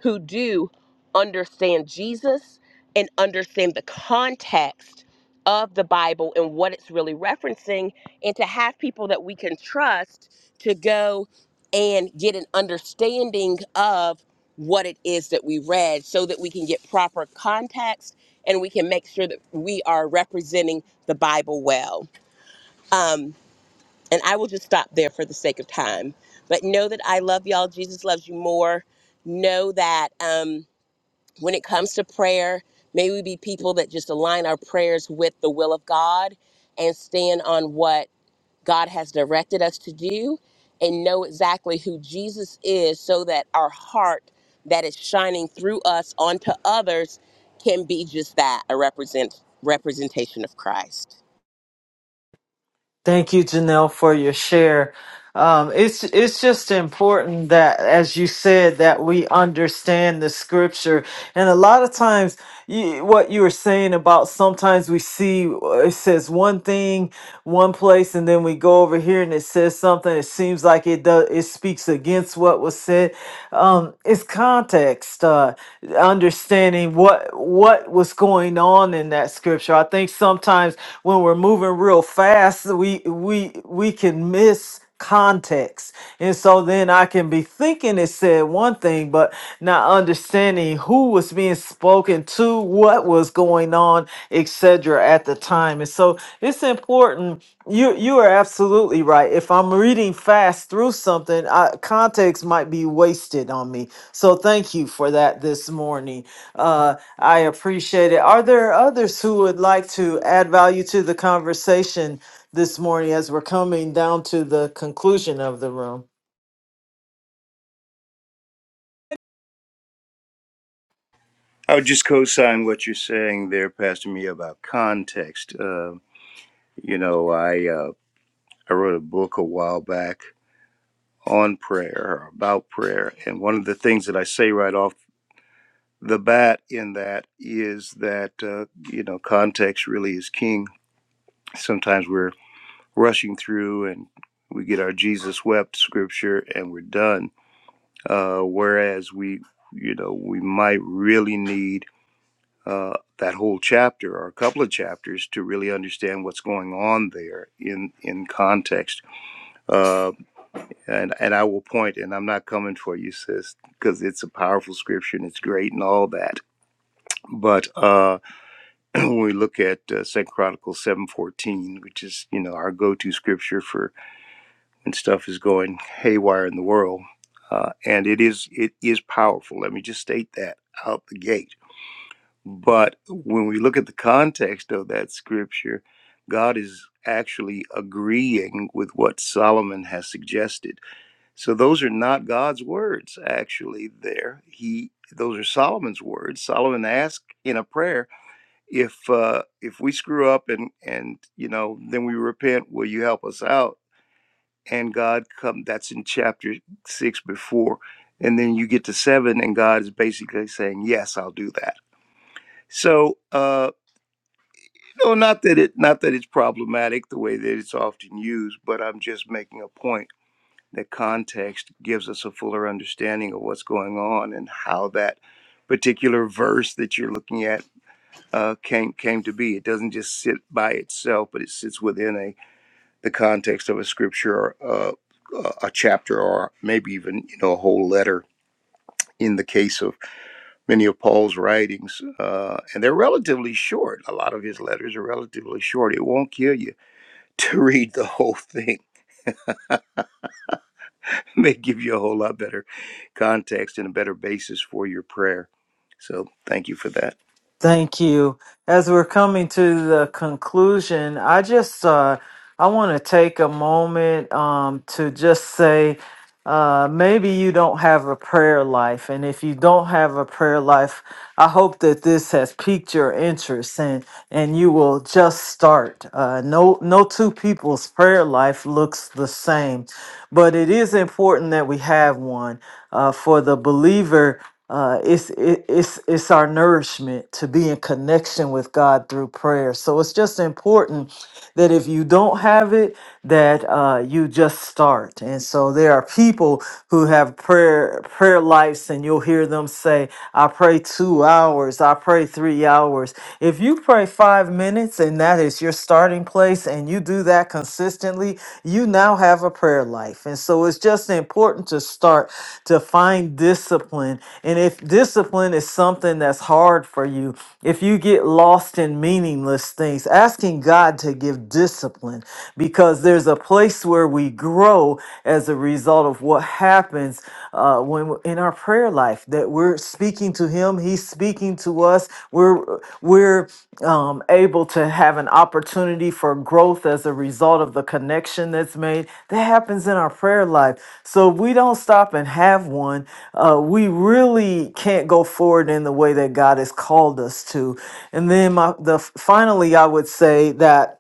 Speaker 4: who do understand Jesus and understand the context of the Bible and what it's really referencing, and to have people that we can trust to go and get an understanding of what it is that we read so that we can get proper context and we can make sure that we are representing the Bible well. Um, and I will just stop there for the sake of time. But know that I love y'all. Jesus loves you more. Know that um, when it comes to prayer, may we be people that just align our prayers with the will of God and stand on what God has directed us to do and know exactly who Jesus is so that our heart that is shining through us onto others can be just that a represent representation of Christ.
Speaker 2: Thank you, Janelle, for your share. Um, it's it's just important that, as you said, that we understand the scripture. And a lot of times, you, what you were saying about sometimes we see uh, it says one thing one place, and then we go over here and it says something. It seems like it does. It speaks against what was said. Um, it's context, uh, understanding what what was going on in that scripture. I think sometimes when we're moving real fast, we we we can miss context. And so then I can be thinking it said one thing, but not understanding who was being spoken to, what was going on, etc. at the time. And so it's important. You you are absolutely right. If I'm reading fast through something, I, context might be wasted on me. So thank you for that this morning. Uh, I appreciate it. Are there others who would like to add value to the conversation? this morning as we're coming down to the conclusion of the room.
Speaker 3: I would just co sign what you're saying there, Pastor Me, about context. Uh, you know, I, uh, I wrote a book a while back on prayer or about prayer. And one of the things that I say right off the bat in that is that, uh, you know, context really is king. Sometimes we're rushing through and we get our Jesus wept scripture and we're done. Uh, whereas we, you know, we might really need uh, that whole chapter or a couple of chapters to really understand what's going on there in in context. Uh, and and I will point, and I'm not coming for you, sis, because it's a powerful scripture and it's great and all that. But uh, when we look at uh, Second Chronicles seven fourteen, which is you know our go to scripture for and stuff is going haywire in the world. Uh, and it is it is powerful. Let me just state that out the gate. But when we look at the context of that scripture, God is actually agreeing with what Solomon has suggested. So those are not God's words actually there. He those are Solomon's words. Solomon asked in a prayer, if uh if we screw up and and you know, then we repent, will you help us out? and God come that's in chapter six before. And then you get to seven and God is basically saying, Yes, I'll do that. So uh you know, not that it not that it's problematic the way that it's often used, but I'm just making a point that context gives us a fuller understanding of what's going on and how that particular verse that you're looking at uh, came came to be. It doesn't just sit by itself, but it sits within the context of a scripture or uh, a chapter or maybe even you know a whole letter in the case of many of paul's writings uh, and they're relatively short a lot of his letters are relatively short it won't kill you to read the whole thing It may give you a whole lot better context and a better basis for your prayer so thank you for that
Speaker 2: Thank you. As we're coming to the conclusion, I just uh, I want to take a moment um, to just say uh, maybe you don't have a prayer life, and if you don't have a prayer life, I hope that this has piqued your interest and and you will just start. Uh, no no two people's prayer life looks the same, but it is important that we have one uh, for the believer. Uh, it's it, it's it's our nourishment to be in connection with God through prayer. So it's just important that if you don't have it, that uh, you just start. And so there are people who have prayer prayer lives, and you'll hear them say, "I pray two hours, I pray three hours." If you pray five minutes, and that is your starting place, and you do that consistently, you now have a prayer life. And so it's just important to start to find discipline. And if discipline is something that's hard for you, if you get lost in meaningless things, asking God to give discipline because there's a place where we grow as a result of what happens uh, when in our prayer life prayer life that we're speaking to him he's speaking to us we're we're um, able to have an opportunity for growth as a result of the connection that's made that happens in our prayer life so if we don't stop and have one uh, we really can't go forward in the way that god has called us to and then my the finally i would say that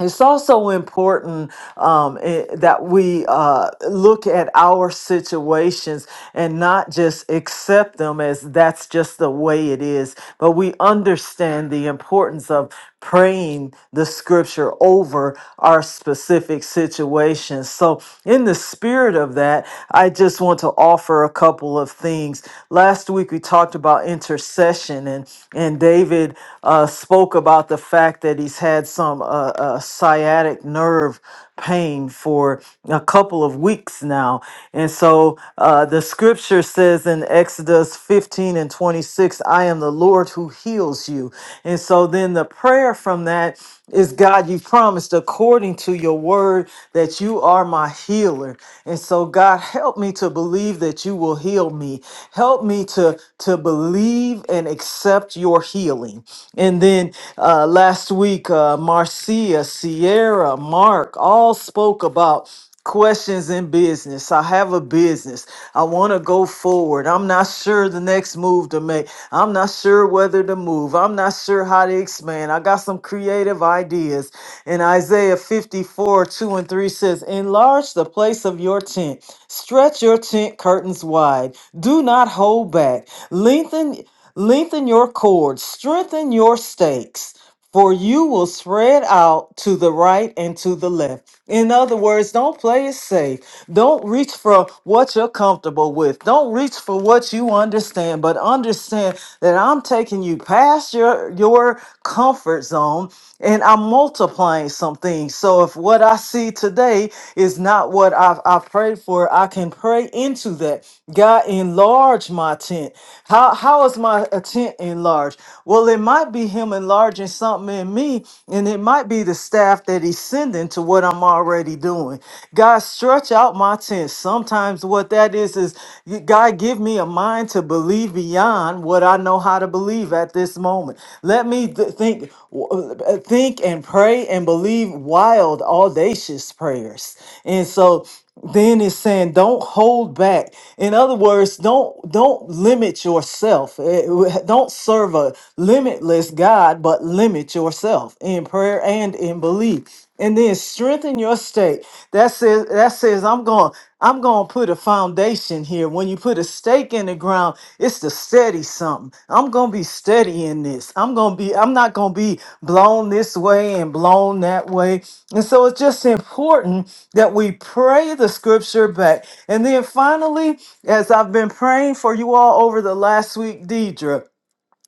Speaker 2: it's also important um, eh, that we uh, look at our situations and not just accept them as that's just the way it is, but we understand the importance of praying the scripture over our specific situations. So, in the spirit of that, I just want to offer a couple of things. Last week we talked about intercession, and and David uh, spoke about the fact that he's had some uh, uh, sciatic nerve pain for a couple of weeks now, and so uh, the scripture says in Exodus 15 and 26, "I am the Lord who heals you," and so then the prayer from that is God, you promised according to your word that you are my healer. And so, God, help me to believe that you will heal me. Help me to, to believe and accept your healing. And then uh, last week, uh, Marcia, Sierra, Mark all spoke about questions in business. I have a business. I want to go forward. I'm not sure the next move to make. I'm not sure whether to move. I'm not sure how to expand. I got some creative ideas. And Isaiah 54 2 and 3 says, Enlarge the place of your tent, stretch your tent curtains wide, do not hold back, lengthen. Lengthen your cords, strengthen your stakes for you will spread out to the right and to the left. In other words, don't play it safe. Don't reach for what you're comfortable with. Don't reach for what you understand, but understand that I'm taking you past your your comfort zone and I'm multiplying some things. So if what I see today is not what I've, i prayed for, I can pray into that. God, enlarge my tent. How, how is my uh, tent enlarged? Well, it might be Him enlarging something in me, and it might be the staff that He's sending to what I'm already doing. God, stretch out my tent. Sometimes what that is is, you- God, give me me a mind to believe beyond what I know how to believe at this moment. Let me th- think, w- uh, think and pray and believe wild, audacious prayers. And so then it's saying don't hold back in other words don't don't limit yourself Eh, w- don't serve a limitless god but limit yourself in prayer and in belief and then strengthen your stake. That says that says I'm going I'm going to put a foundation here. When you put a stake in the ground, it's to steady something. I'm going to be steady in this. I'm going to be I'm not going to be blown this way and blown that way. And so it's just important that we pray the scripture back. And then finally, as I've been praying for you all over the last week, Deidre,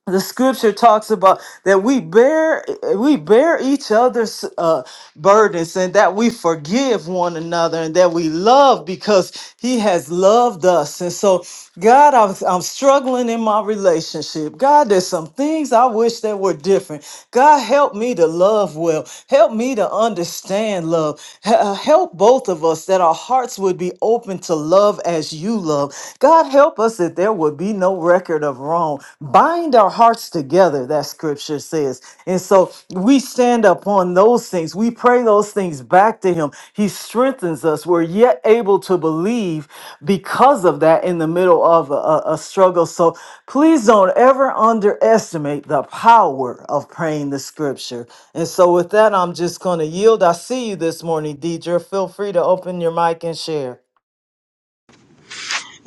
Speaker 2: the scripture talks about that we bear we bear each other's uh, burdens and that we forgive one another and that we love because he has loved us and so god i'm, I'm struggling in my relationship god there's some things i wish that were different god help me to love well help me to understand love H- uh, help both of us that our hearts would be open to love as you love. God, help us that there would be no record of wrong. Bind our hearts together, that scripture says. And so we stand upon those things. We pray those things back to Him. He strengthens us. We're yet able to believe because of that in the middle of a, a- a struggle. So please don't ever underestimate the power of praying the scripture. And so with that, I'm just going to yield. I see you this morning, Deidre. Feel free to open your mic and share.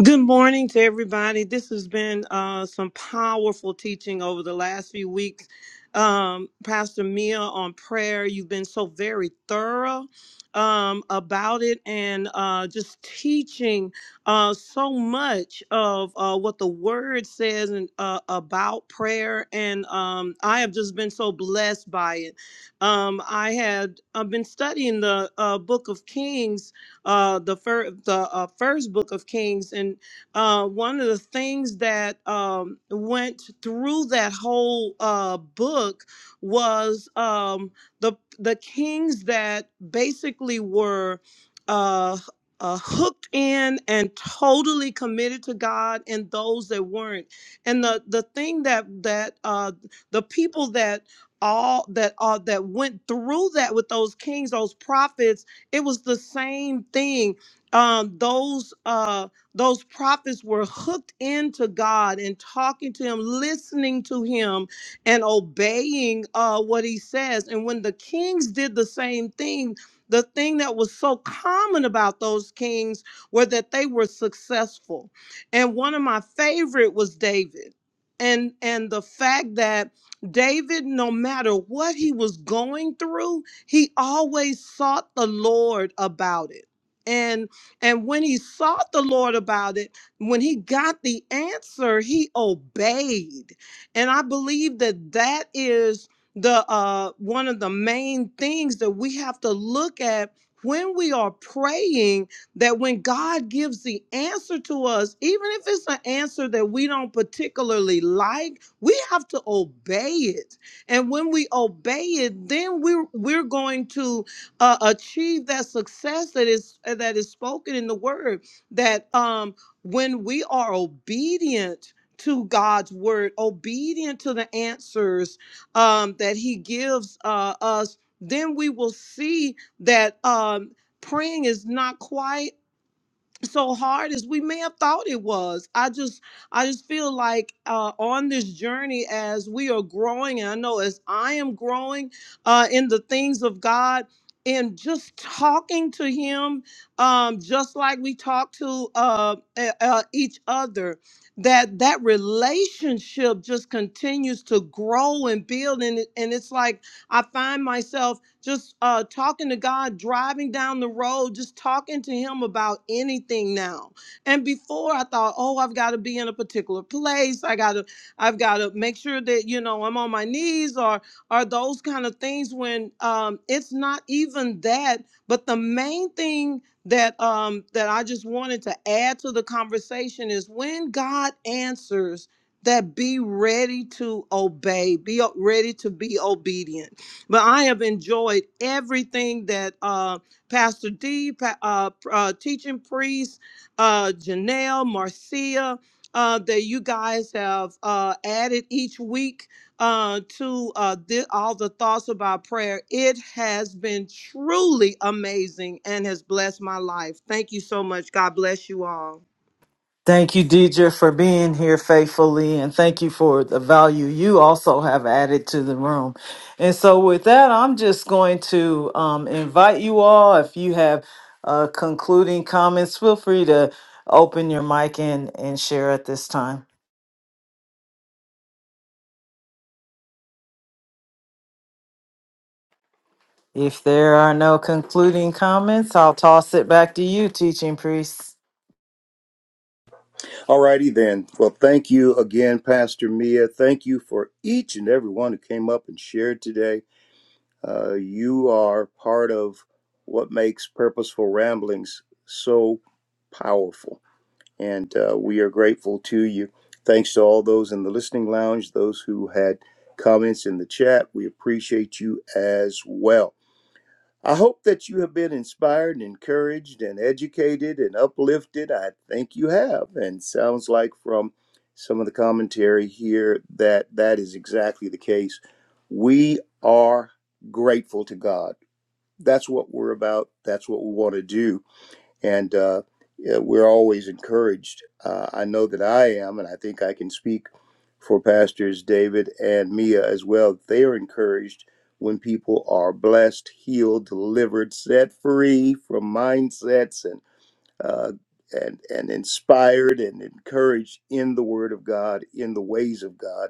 Speaker 6: Good morning to everybody. This has been uh, some powerful teaching over the last few weeks. Um, Pastor Mia on prayer, you've been so very thorough um, about it and uh, just teaching uh, so much of uh, what the word says and, uh, about prayer. And um, I have just been so blessed by it. Um, I had I've been studying the uh, book of Kings uh, the first the uh, first book of Kings, and uh, one of the things that um, went through that whole uh, book was um, the the kings that basically were. Uh, uh, hooked in and totally committed to God, and those that weren't, and the the thing that that uh, the people that all that uh, that went through that with those kings, those prophets, it was the same thing. Um, those uh, those prophets were hooked into God and talking to Him, listening to Him, and obeying uh, what He says. And when the kings did the same thing, the thing that was so common about those kings were that they were successful. And one of my favorite was David. And and the fact that David, no matter what he was going through, he always sought the Lord about it. And and when he sought the Lord about it, when he got the answer, he obeyed. And I believe that that is the uh one of the main things that we have to look at when we are praying that when God gives the answer to us, even if it's an answer that we don't particularly like, we have to obey it and when we obey it, then we're we're going to uh, achieve that success that is uh, that is spoken in the word. That um, when we are obedient to God's word, obedient to the answers um, that He gives uh, us, then we will see that um, praying is not quite so hard as we may have thought it was. I just I just feel like uh on this journey as we are growing, and I know as I am growing uh in the things of God and just talking to him um just like we talk to uh, uh uh, each other that that relationship just continues to grow and build and it, and it's like I find myself just uh, talking to God, driving down the road, just talking to Him about anything now. And before I thought, oh, I've got to be in a particular place. I got to, I've got to make sure that you know I'm on my knees or or those kind of things. When um, it's not even that, but the main thing that um, that I just wanted to add to the conversation is when God answers. That be ready to obey, be o- ready to be obedient but I have enjoyed everything that uh, Pastor D, pa- uh, uh, teaching priest, uh, Janelle, Marcia, uh, that you guys have uh, added each week uh, to uh, thi- all the thoughts about prayer. It has been truly amazing and has blessed my life. Thank you so much. God bless you all.
Speaker 2: Thank you, Deidre, for being here faithfully, and thank you for the value you also have added to the room. And so, with that, I'm just going to um, invite you all. If you have uh, concluding comments, feel free to open your mic and, and share at this time. If there are no concluding comments, I'll toss it back to you, teaching priest.
Speaker 3: Alrighty then well thank you again pastor mia thank you for each and every one who came up and shared today Uh, you are part of what makes Purposeful Ramblings so powerful. And uh, we are grateful to you. Thanks to all those in the listening lounge, those who had comments in the chat. We appreciate you as well. I hope that you have been inspired and encouraged and educated and uplifted. I think you have. And sounds like from some of the commentary here that that is exactly the case. We are grateful to God. That's what we're about. That's what we want to do and uh, yeah, we're always encouraged. Uh, I know that I am, and I think I can speak for pastors David and Mia as well. They are encouraged when people are blessed, healed, delivered, set free from mindsets, and uh, and and inspired and encouraged in the Word of God, in the ways of God,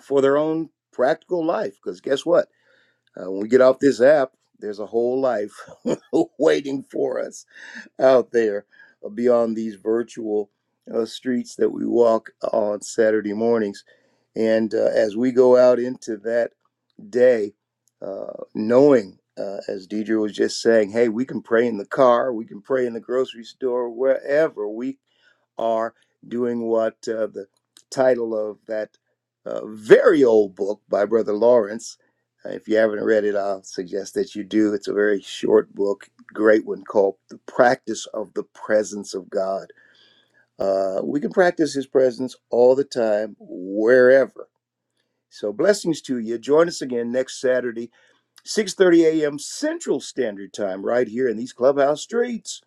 Speaker 3: for their own practical life. Because guess what? Uh, when we get off this app, there's a whole life waiting for us out there uh, beyond these virtual uh, streets that we walk on Saturday mornings. And uh, as we go out into that day, uh, knowing, uh, as Deidre was just saying, hey, we can pray in the car, we can pray in the grocery store, wherever we are doing what uh, the title of that uh, very old book by Brother Lawrence. uh, If you haven't read it, I'll suggest that you do. It's a very short book, great one called The Practice of the Presence of God. Uh, we can practice His presence all the time, wherever. So, blessings to you. Join us again next Saturday. 6:30 a.m. Central Standard Time right here in these clubhouse streets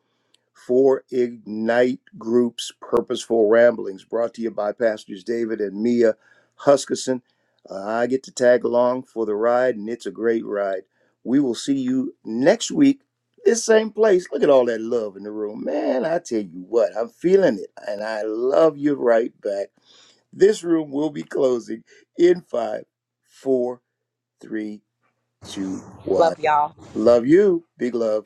Speaker 3: for Ignite Group's Purposeful Ramblings brought to you by pastors David and Mia Huskisson. Uh, I get to tag along for the ride and it's a great ride. We will see you next week this same place. Look at all that love in the room. Man, I tell you what, I'm feeling it and I love you right back. This room will be closing in five, four, three, two, one.
Speaker 4: Love y'all.
Speaker 3: Love you. Big love.